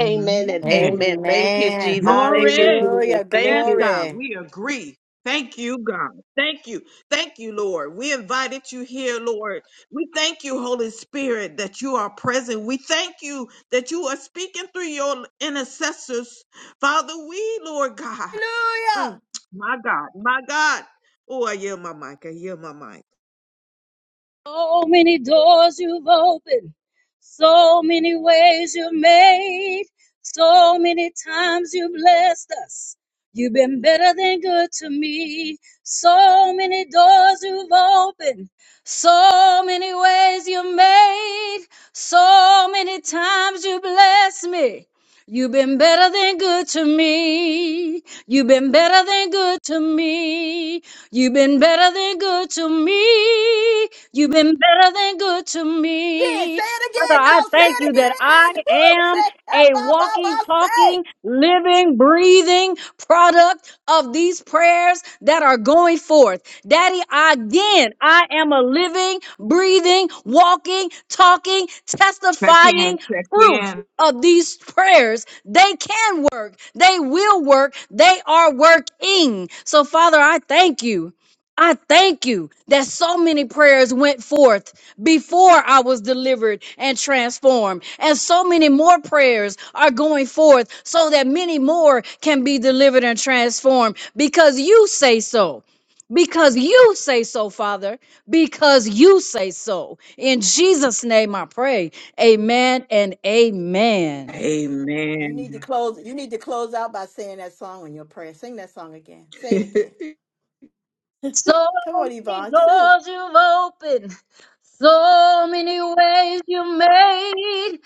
Amen and amen. Thank you,
Amen.
Jesus. Thank you,
Glory.
Jesus.
Hallelujah.
Thank
Yes,
Glory.
you.
God, we agree. Thank you, God. Thank you. Thank you, Lord. We invited you here, Lord. We thank you, Holy Spirit, that you are present. We thank you that you are speaking through your intercessors. Father, we, Lord God, mm,
Hallelujah.
my God, my God. Oh, I hear my mic. I hear my mic.
So many doors you've opened, so many ways you've made, so many times you've blessed us. You've been better than good to me. So many doors you've opened, so many ways you've made, so many times you blessed me. You've been better than good to me. You've been better than good to me. You've been better than good to me. You've been better than good to
Again, say
me.
it
Father,
again.
I
No, say
thank
it
you that I
again. Woo!
am
Say ah,
a
ba ba
walking,
ba say.
talking, living, breathing product of these prayers that are going forth. Daddy, again, I am a living, breathing, walking, talking,
Check in,
testifying
check
proof
in.
of these prayers. They can work, they will work, they are working. So, Father, I thank you. I thank you that so many prayers went forth before I was delivered and transformed. And so many more prayers are going forth so that many more can be delivered and transformed because you say so. Because you say so, Father. Because you say so. In Jesus' name I pray. Amen and amen.
You
Amen.
need to close you need to close out by saying that song in your prayer. Sing that song again. Say it again.
So
Come on,
many
Yvonne. Sing.
doors you've opened, so many ways you made,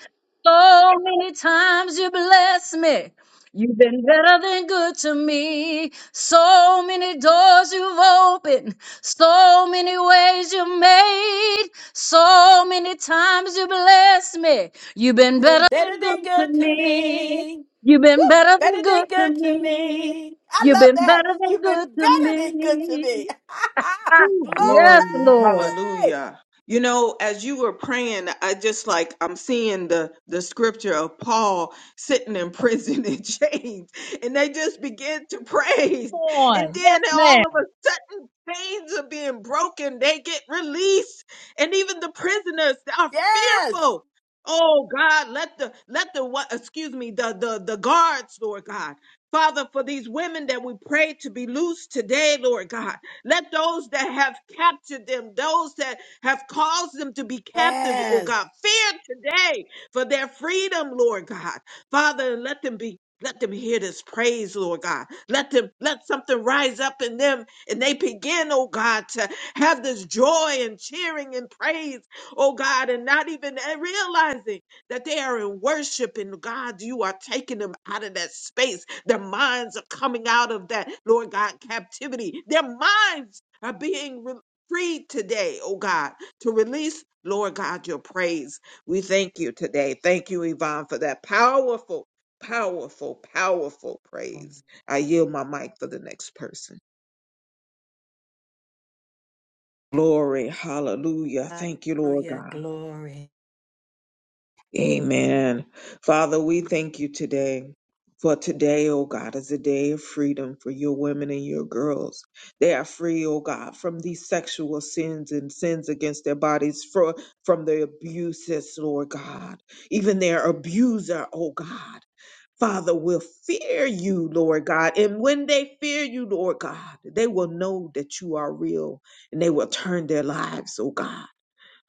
so many times you blessed me. You've been better than good to me. So many doors you've opened, so many ways you made, so many times you blessed me. You've been
been
better than
better
good
than
to
good to
me.
me.
You've
Woo!
been better
Better
than
than
good to
good to
me.
me. I
You've
love
been
that.
better than
You've
good
been
to
better than good to
me.
me.
Ooh,
glory.
Yes,
glory.
Lord.
Hallelujah. You know, as you were praying, I just like I'm seeing the the scripture of Paul sitting in prison in chains, and they just begin to praise.
Come
And
on. Yes,
then all
ma'am.
of a sudden chains are being broken. They get released. And even the prisoners are
Yes.
fearful. Oh God, let the let the what excuse me, the the the guards, Lord God. Father, for these women that we pray to be loose today, Lord God. Let those that have captured them, those that have caused them to be captive, oh
Yes.
God, fear today for their freedom, Lord God. Father, and let them be. Let them hear this praise, Lord God. Let them let something rise up in them and they begin, oh God, to have this joy and cheering and praise, oh God, and not even realizing that they are in worship and God, you are taking them out of that space their minds are coming out of that, Lord God, captivity. Their minds are being re- freed today, oh God, to release, Lord God, your praise. We thank you today. Thank you, Yvonne, for that powerful, powerful, powerful praise. I yield my mic for the next person. Glory, hallelujah. Thank you, Lord
Hallelujah.
God.
Glory.
Amen. Father, we thank you today. For today, oh God, is a day of freedom for your women and your girls. They are free, oh God, from these sexual sins and sins against their bodies, for, from the abuses, Lord God, even their abuser, oh God. Father, will fear you, Lord God. And when they fear you, Lord God, they will know that you are real and they will turn their lives, oh God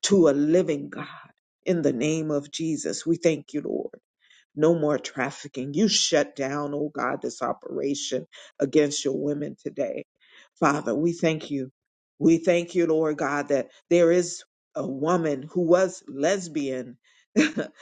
to a living God. In the name of Jesus, we thank you, Lord. No more trafficking. You shut down, oh God, this operation against your women today. Father, we thank you. We thank you, Lord God, that there is a woman who was lesbian that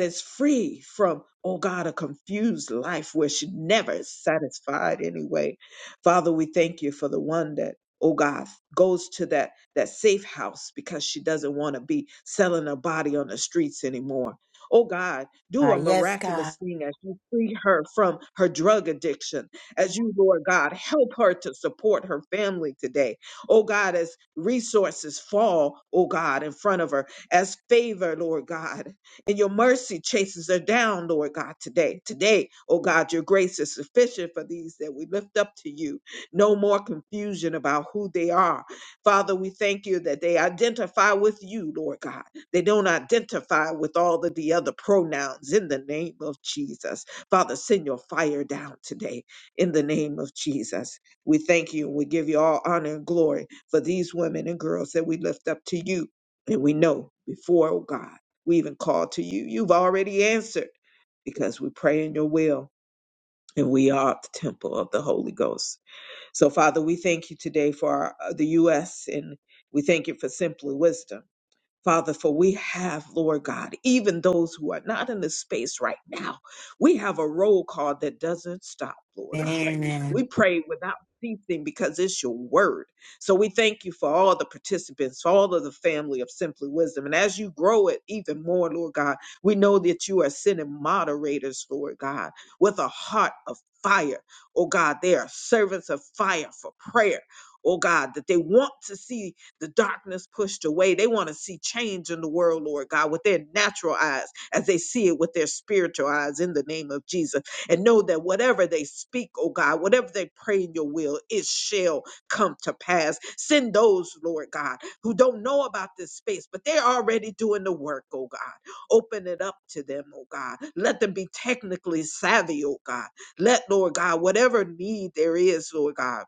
is free from, oh God, a confused life where she never is satisfied anyway. Father, we thank you for the one that, oh God, goes to that, that safe house because she doesn't want to be selling her body on the streets anymore. Oh God, do
Ah,
a
yes, God.
miraculous thing as you free her from her drug addiction. As you, Lord God, help her to support her family today. Oh God, as resources fall, oh God, in front of her, as favor, Lord God, and your mercy chases her down, Lord God, today. Today, oh God, your grace is sufficient for these that we lift up to you. No more confusion about who they are. Father, we thank you that they identify with you, Lord God. They don't identify with all of the other pronouns in the name of Jesus. Father, send your fire down today in the name of Jesus. We thank you and we give you all honor and glory for these women and girls that we lift up to you. And we know before, oh God, we even call to you, you've already answered because we pray in your will and we are the temple of the Holy Ghost. So, Father, we thank you today for our, the U.S. and we thank you for simply wisdom. Father, for we have, Lord God, even those who are not in the space right now, we have a roll call that doesn't stop, Lord God. We
Amen.
pray without ceasing because it's your word. So we thank you for all the participants, for all of the family of Simply Wisdom. And as you grow it even more, Lord God, we know that you are sending moderators, Lord God, with a heart of fire. Oh God, they are servants of fire for prayer. Oh God, that they want to see the darkness pushed away. They want to see change in the world, Lord God, with their natural eyes as they see it with their spiritual eyes in the name of Jesus. And know that whatever they speak, oh God, whatever they pray in your will, it shall come to pass. Send those, Lord God, who don't know about this space, but they're already doing the work, oh God. Open it up to them, oh God. Let them be technically savvy, oh God. Let, Lord God, whatever need there is, Lord God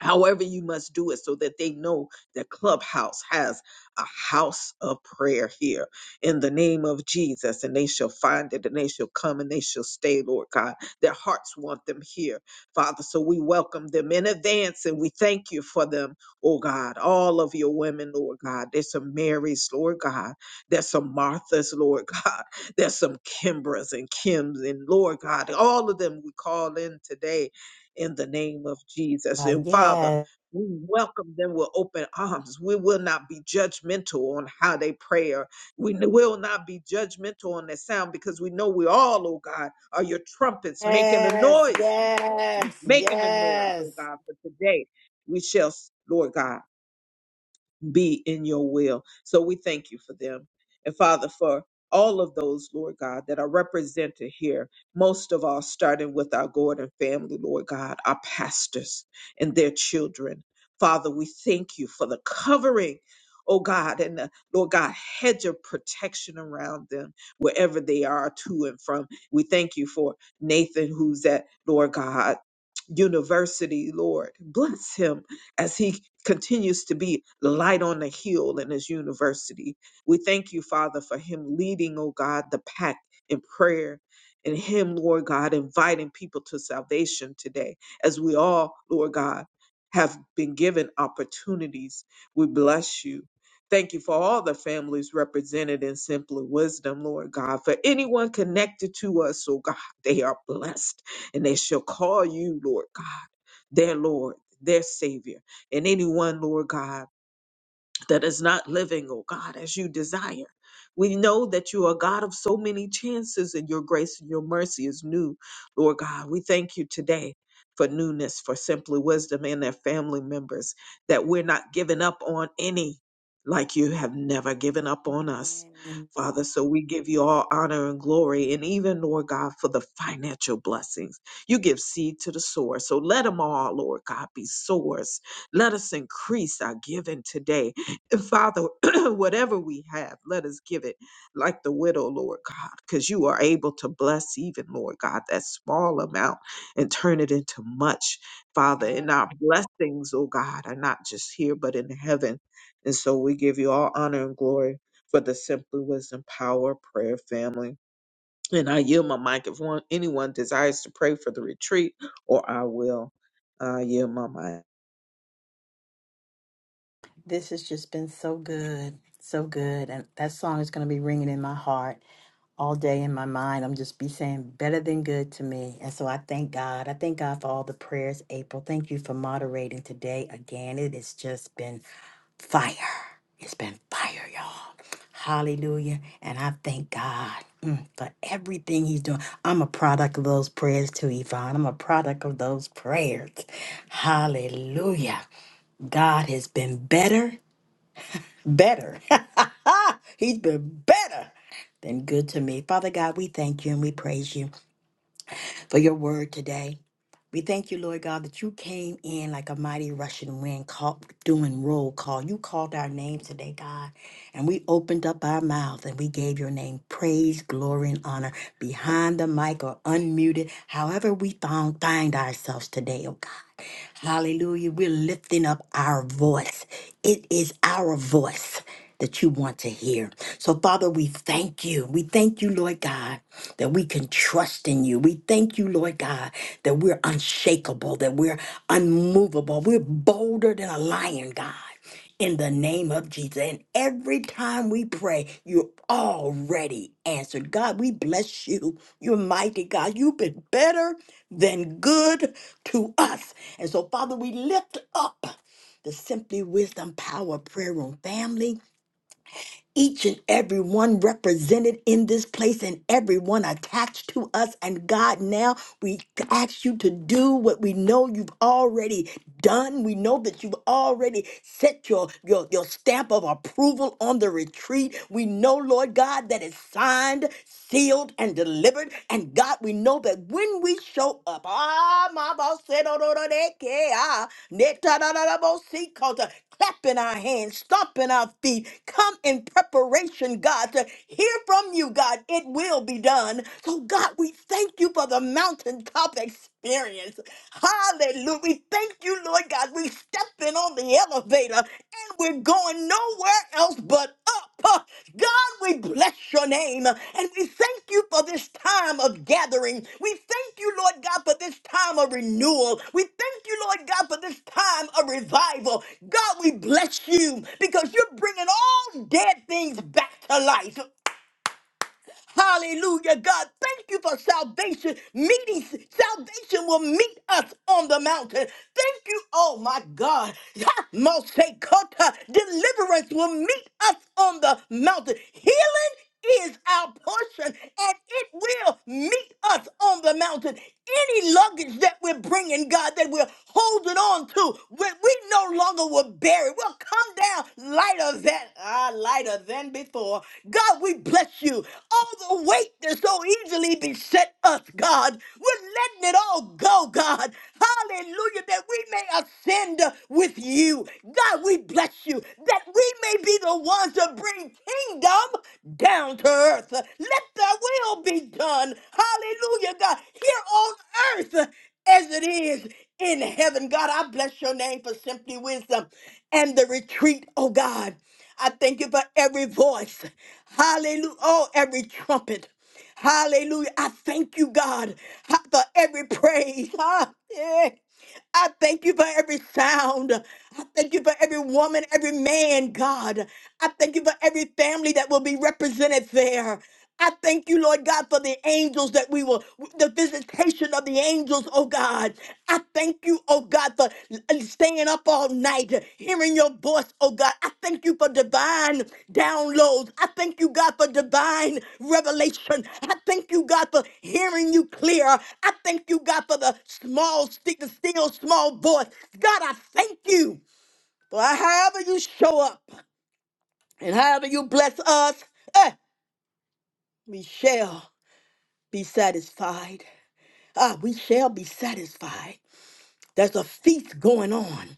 however you must do it so that they know that clubhouse has a house of prayer here in the name of jesus and they shall find it and they shall come and they shall stay lord god their hearts want them here father so we welcome them in advance and we thank you for them oh god all of your women lord god there's some marys lord god there's some marthas lord god there's some kimbras and kims and lord god all of them we call in today in the name of Jesus.
Ah,
And Father,
yes.
we welcome them with open arms. We will not be judgmental on how they pray. Or we n- will not be judgmental on their sound because we know we all, oh God, are your trumpets making a
Yes.
noise,
Yes.
making a noise, oh
Yes.
God, for today. We shall, Lord God be in your will. So we thank you for them. And Father, for all of those, Lord God, that are represented here, most of all, starting with our Gordon family, Lord God, our pastors and their children. Father, we thank you for the covering, oh God, and the, Lord God, hedge of protection around them wherever they are to and from. We thank you for Nathan, who's at, Lord God, university, Lord. Bless him as he continues to be the light on the hill in his university. We thank you, Father, for him leading, oh God, the pack in prayer and him, Lord God, inviting people to salvation today as we all, Lord God, have been given opportunities. We bless you. Thank you for all the families represented in Simply Wisdom, Lord God. For anyone connected to us, oh God, they are blessed and they shall call you, Lord God, their Lord, their Savior and anyone, Lord God that is not living, oh God, as you desire. We know that you are God of so many chances and your grace and your mercy is new, Lord God. We thank you today for newness, for simply wisdom and their family members, that we're not giving up on any like you have never given up on us,
Amen.
Father. So we give you all honor and glory, and even, Lord God, for the financial blessings. You give seed to the sower. So let them all, Lord God, be sowers. Let us increase our giving today Father, whatever we have, let us give it like the widow, Lord God, because you are able to bless even, Lord God, that small amount and turn it into much, Father. And our blessings, oh God, are not just here, but in heaven. And so we give you all honor and glory for the Simply Wisdom Power Prayer Family. And I yield my mic if one, anyone desires to pray for the retreat, or I will uh, yield my mic.
This has just been so good. So good. And that song is going to be ringing in my heart. all day in my mind. I'm just be saying better than good to me. And so I thank God. I thank God for all the prayers, April. Thank you for moderating today again. It has just been fire. It's been fire, y'all. Hallelujah. And I thank God mm, for everything He's doing. I'm a product of those prayers too, Yvonne. I'm a product of those prayers. Hallelujah. God has been better, better. He's been better than good to me. Father God, we thank you and we praise you. for your word today. We thank you, Lord God, that you came in like a mighty rushing wind, call, doing roll call. You called our name today, God, and we opened up our mouth and we gave your name praise, glory, and honor behind the mic or unmuted, however we found find ourselves today, oh God. Hallelujah. We're lifting up our voice. It is our voice that you want to hear. So, Father, we thank you. We thank you, Lord God, that we can trust in you. We thank you, Lord God, that we're unshakable, that we're unmovable. We're bolder than a lion, God in the name of Jesus. And every time we pray, you're already answered. God, we bless you. You're mighty God. You've been better than good to us. And so, Father, we lift up the Simply Wisdom Power Prayer Room family each and every one represented in this place and everyone attached to us. And God, now we ask you to do what we know you've already done. We know that you've already set your, your, your stamp of approval on the retreat. We know, Lord God, that it's signed, sealed, and delivered. And God, we know that when we show up, ah, my boss said, "Oh, no, no, they care." Ah, neta, da, da, da, bo, see, clapping our hands, stomping our feet. Come in preparation, God, to hear from you, God. It will be done. So, God, we thank you for the mountaintop experience. Hallelujah. We thank you, Lord God. We stepping on the elevator and we're going nowhere else but up. God, we bless your name and we thank you for this time of gathering. We thank you, Lord God, for this time of renewal. We thank you, Lord God, for this time of revival. God, we bless you because you're bringing all dead things back to life. Hallelujah, God. Thank you for salvation meetings. Salvation will meet us on the mountain. Thank you, oh my God. Ha, Mosekota, deliverance will meet us on the mountain. Healing is our portion and it will meet us on the mountain. Any luggage that we're bringing, God, that we're holding on come to when we no longer were buried. We'll come down lighter than ah, lighter than before. God, we bless you. All the weight that so easily beset us, God, we're letting it all go, God. Hallelujah, that we may ascend with you. God, we bless you, that we may be the ones to bring kingdom down to earth. Let thy will be done. Hallelujah, God, here on earth as it is in heaven. God, I bless your name for simply wisdom and the retreat, oh God. I thank you for every voice. Hallelujah. Oh, every trumpet. Hallelujah. I thank you, God, ha- for every praise. Ha, yeah. I thank you for every sound. I thank you for every woman, every man, God. I thank you for every family that will be represented there. I thank you, Lord God, for the angels that we will, the visitation of the angels, oh God. I thank you, oh God, for staying up all night, hearing your voice, oh God. I thank you for divine downloads. I thank you, God, for divine revelation. I thank you, God, for hearing you clear. I thank you, God, for the small stick, the still small voice. God, I thank you for however you show up and however you bless us, eh, we shall be satisfied. Ah, we shall be satisfied. There's a feast going on.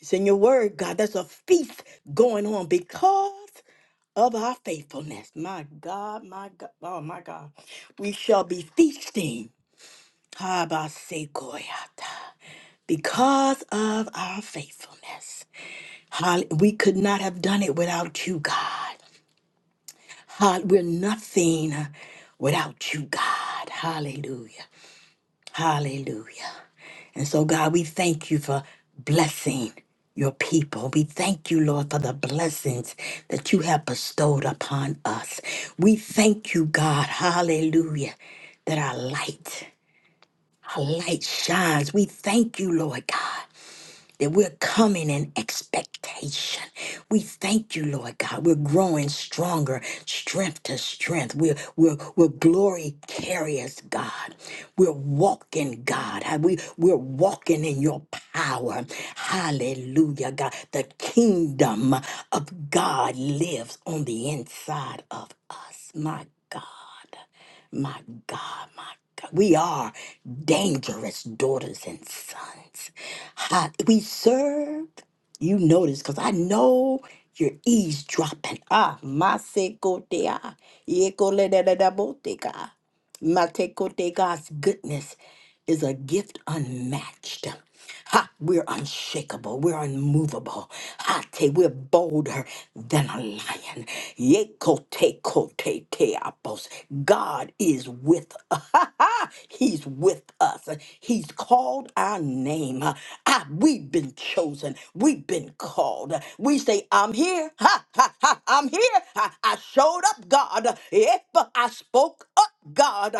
It's in your word, God. There's a feast going on because of our faithfulness. My God, my God, oh my God. We shall be feasting. Habasekoyata. Because of our faithfulness. Hall- We could not have done it without you, God. Hall- We're nothing without you, God. Hallelujah. Hallelujah. And so, God, we thank you for blessing your people. We thank you, Lord, for the blessings that you have bestowed upon us. We thank you, God, hallelujah, that our light, our light shines. We thank you, Lord God that we're coming in expectation. We thank you, Lord God. We're growing stronger, strength to strength. We're, we're, we're glory carriers, God. We're walking, God. How We, we're walking in your power. Hallelujah, God. The kingdom of God lives on the inside of us, my God. My God, my God. We are dangerous daughters and sons. Ha- We serve. You notice, because I know you're eavesdropping. Ah, Masekotea, Yekoledadaboteka, Matekote God's goodness is a gift unmatched. Ha, we're unshakable. We're unmovable. Hate, we're bolder than a lion. Ye kote kote te apos. God is with us. Ha, ha. He's with us. He's called our name. Ah, we've been chosen. We've been called. We say, I'm here. Ha, ha, ha, I'm here. I, I showed up, God. If I spoke up. God.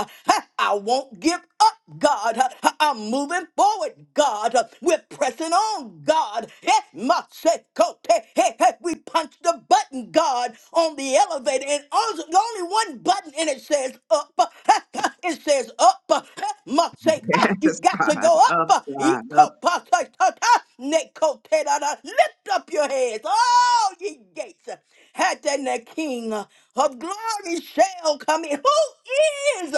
I won't give up, God. I'm moving forward, God. We're pressing on, God. Eh, ma, se, ko, te, he, he. We punch the button, God, on the elevator, and also- the only one button, and it says up. Ha, ha. It says up. Ha, ma, se, ah, You
Yes,
got to
God,
go
up, God,
up.
up.
Nekotera. Lift up your heads, all ye gates. Hat and the King of glory shall come in. Who is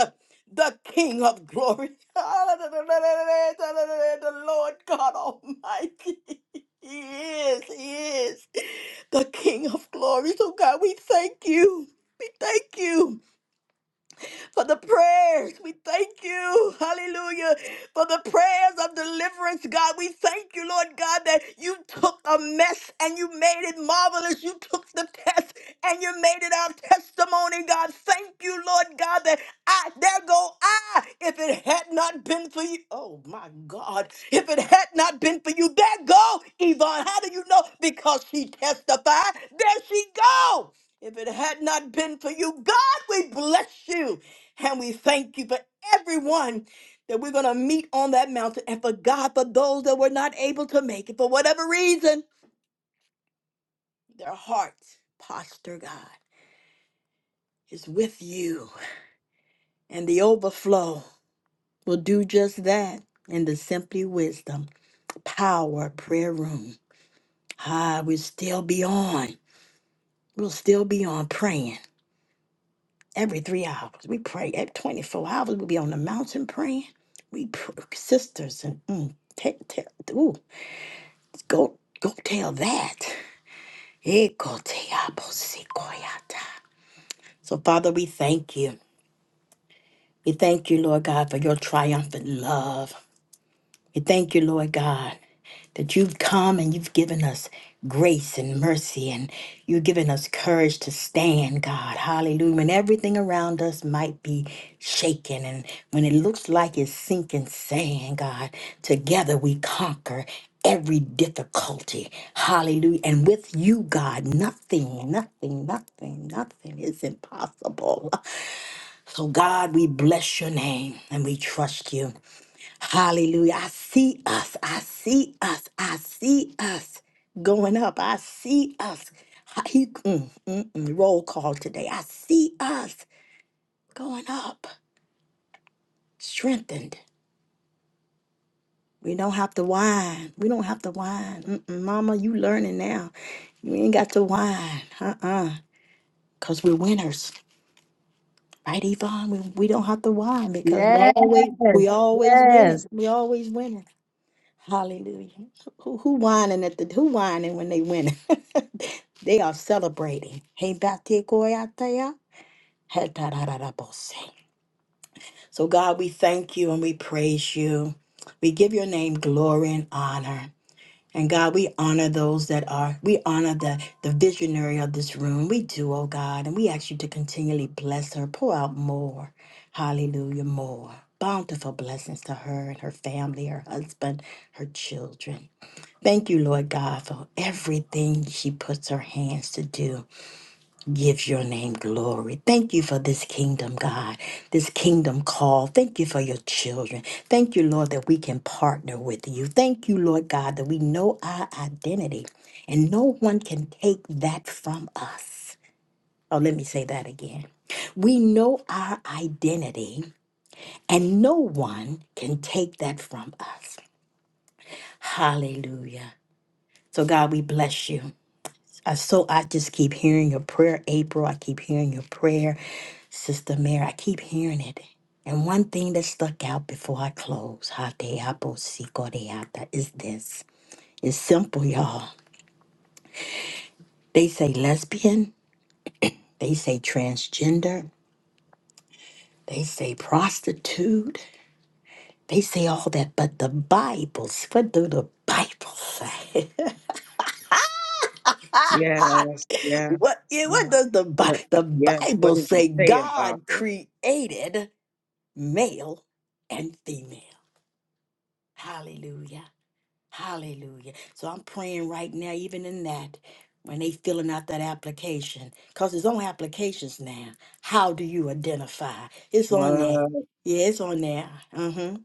the King of glory? The Lord God Almighty. He is, he is the King of glory. So, God, we thank you. We thank you for the prayers. We thank you, hallelujah, for the prayers of deliverance, God. We thank you, Lord God, that you took a mess and you made it marvelous. You took the test and you made it our testimony, God. Thank you, Lord God, that I, there go I, if it had not been for you. Oh, my God. If it had not been for you, there go, Yvonne. How do you know? Because she testified. There she go. If it had not been for you, God, we bless you. And we thank you for everyone that we're going to meet on that mountain. And for God, for those that were not able to make it, for whatever reason, their heart posture, God, is with you. And the overflow will do just that in the Simply Wisdom Power Prayer Room. Ah, we'll still be on. We'll still be on praying every three hours. We pray at 24 hours. We'll be on the mountain praying. We pr- sisters and mm, te- te- ooh, Go go tell that. Ekoteaposikoyata. So Father, we thank you. We thank you, Lord God, for your triumphant love. We thank you, Lord God. that you've come and you've given us grace and mercy and you've given us courage to stand, God. Hallelujah. When everything around us might be shaken and when it looks like it's sinking sand, God, together we conquer every difficulty. Hallelujah. And with you, God, nothing, nothing, nothing, nothing is impossible. So, God, we bless your name and we trust you. Hallelujah. I see us. I see us. I see us going up. I see us. He, mm, mm, mm, roll call today. I see us going up, strengthened. We don't have to whine. We don't have to whine. Mm-mm, Mama, you learning now. You ain't got to whine. Uh-uh. Because we're winners. Right, Yvonne? We, we don't have to whine because we
Yes.
always we always
Yes.
winning. We always winning. Hallelujah. Who, who whining at the who whining when they win? they are celebrating. Hey, Bate Goyatea, hey, tarararabose. So God, we thank you and we praise you. We give your name glory and honor. And God, we honor those that are, we honor the, the visionary of this room. We do, oh God. And we ask you to continually bless her, pour out more. Hallelujah, more. Bountiful blessings to her and her family, her husband, her children. Thank you, Lord God, for everything she puts her hands to do. Give your name glory. Thank you for this kingdom, God, this kingdom call. Thank you for your children. Thank you, Lord, that we can partner with you. Thank you, Lord God, that we know our identity and no one can take that from us. Oh, let me say that again. We know our identity, and no one can take that from us. Hallelujah. So, God, we bless you. I so I just keep hearing your prayer, April. I keep hearing your prayer, Sister Mary. I keep hearing it. And one thing that stuck out before I close, Hateaposikodeata, is this. It's simple, y'all. They say lesbian, they say transgender, they say prostitute, they say all that, but the Bible's what do the Bible say?
Yes, yes,
what yeah, what
yes.
does the
But
Bible the
yes, what
Bible
did he
say
say about
God
them?
created? male and female. Hallelujah. Hallelujah. So I'm praying right now, even in that, when they filling out that application, because it's on applications now. How do you identify? It's on there.
What?
Yeah, it's on there. Mm-hmm.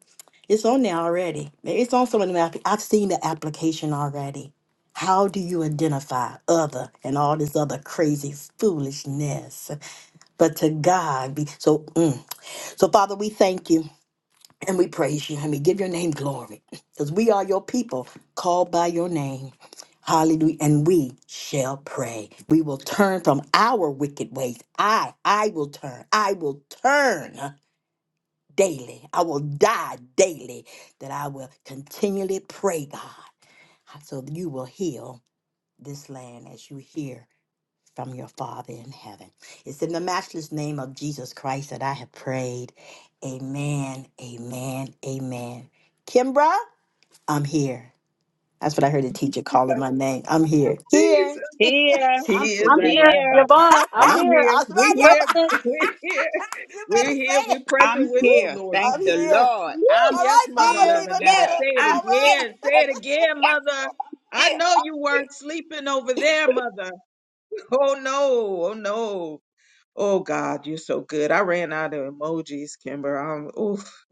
It's on there already. Maybe It's on some of them. app- I've seen the application already. How do you identify other and all this other crazy foolishness? But to God be so. Mm. So Father, we thank you. And we praise you and we give your name glory because we are your people called by your name. Hallelujah. And we shall pray. We will turn from our wicked ways. I, I will turn. I will turn daily. I will die daily that I will continually pray, God, so that you will heal this land as you hear from your Father in heaven. It's in the matchless name of Jesus Christ that I have prayed. Amen, amen, amen. Kimbra, I'm here. That's what I heard the teacher calling my name. I'm here. Here.
Jesus,
Here,
he
I'm
So,
is our
I'm here.
here.
rabbi.
Yvonne,
And
I'm
ah,
I'm
here.
here.
That's right,
we
Present.
here.
y'all.
we here.
you better
We're here.
say
We're
it.
present
I'm
with
Woo,
you,
here.
Lord God.
I'm
Thank the
here.
Lord.
Woo!
I'm
All
Yes,
right,
Mother
Mama
still
Levinetta.
here.
Say
Levanetta.
it
All
I'm here.
right.
again. Say
Yes,
it
Lord.
again,
Yes,
Mother.
Lord.
I know
I'm
you
here.
weren't sleeping over there, Mother. Oh no. Oh no. Oh God, you're so good. I ran out of emojis, Kimber. I'm oof.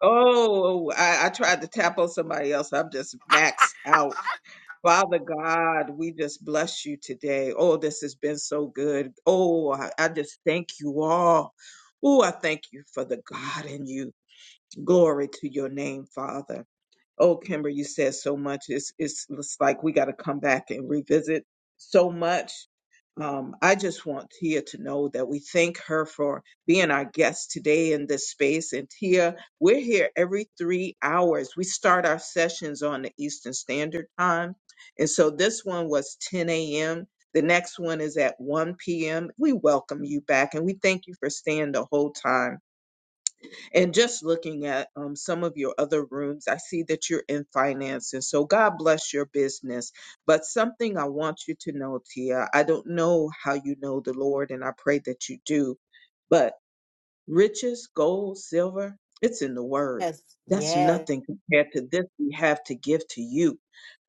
Oh, I, I tried to tap on somebody else. I'm just maxed out. Father God, we just bless you today. Oh, this has been so good. Oh, I, I just thank you all. Oh, I thank you for the God in you. Glory to your name, Father. Oh, Kimber, you said so much. It's it's, it's like we got to come back and revisit so much. Um, I just want Tia to know that we thank her for being our guest today in this space. And Tia, we're here every three hours. We start our sessions on the Eastern Standard Time. And so this one was 10 a.m. The next one is at 1 p.m. We welcome you back and we thank you for staying the whole time. And just looking at um, some of your other rooms, I see that you're in finance. And so God bless your business. But something I want you to know, Tia, I don't know how you know the Lord, and I pray that you do but riches, gold, silver, it's in the word.
Yes,
That's
yes.
nothing compared to this we have to give to you.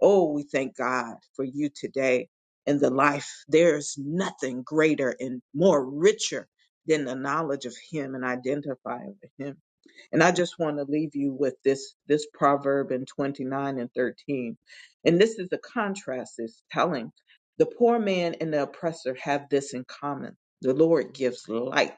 Oh, we thank God for you today and the life. There's nothing greater and more richer than the knowledge of Him and identifying with Him. And I just want to leave you with this this proverb in 29 and 13. And this is the contrast it's telling. The poor man and the oppressor have this in common. The Lord gives light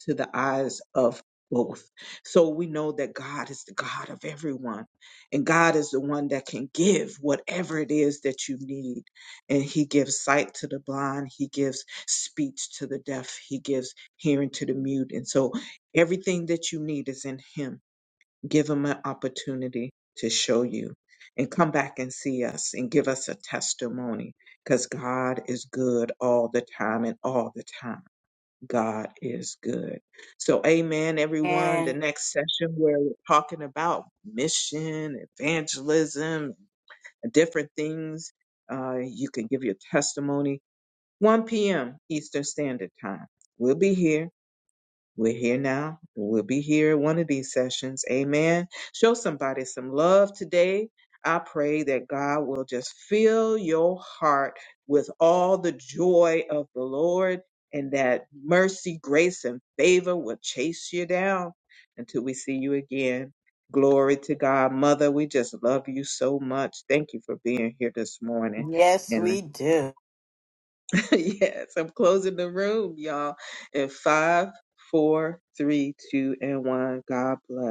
to the eyes of both. So we know that God is the God of everyone, and God is the one that can give whatever it is that you need. And He gives sight to the blind, He gives speech to the deaf, He gives hearing to the mute. And so everything that you need is in Him. Give Him an opportunity to show you. And come back and see us and give us a testimony because God is good all the time and all the time. God is good. So, amen, everyone. The
And
next session, where we're talking about mission, evangelism, different things. Uh, you can give your testimony. 1 p.m. Eastern Standard Time. We'll be here. We're here now. We'll be here at one of these sessions. Amen. Show somebody some love today. I pray that God will just fill your heart with all the joy of the Lord and that mercy, grace, and favor will chase you down until we see you again. Glory to God. Mother, we just love you so much. Thank you for being here this morning.
yes,
and.
we do.
yes, I'm closing the room, y'all. In five, four, three, two, and one. God bless.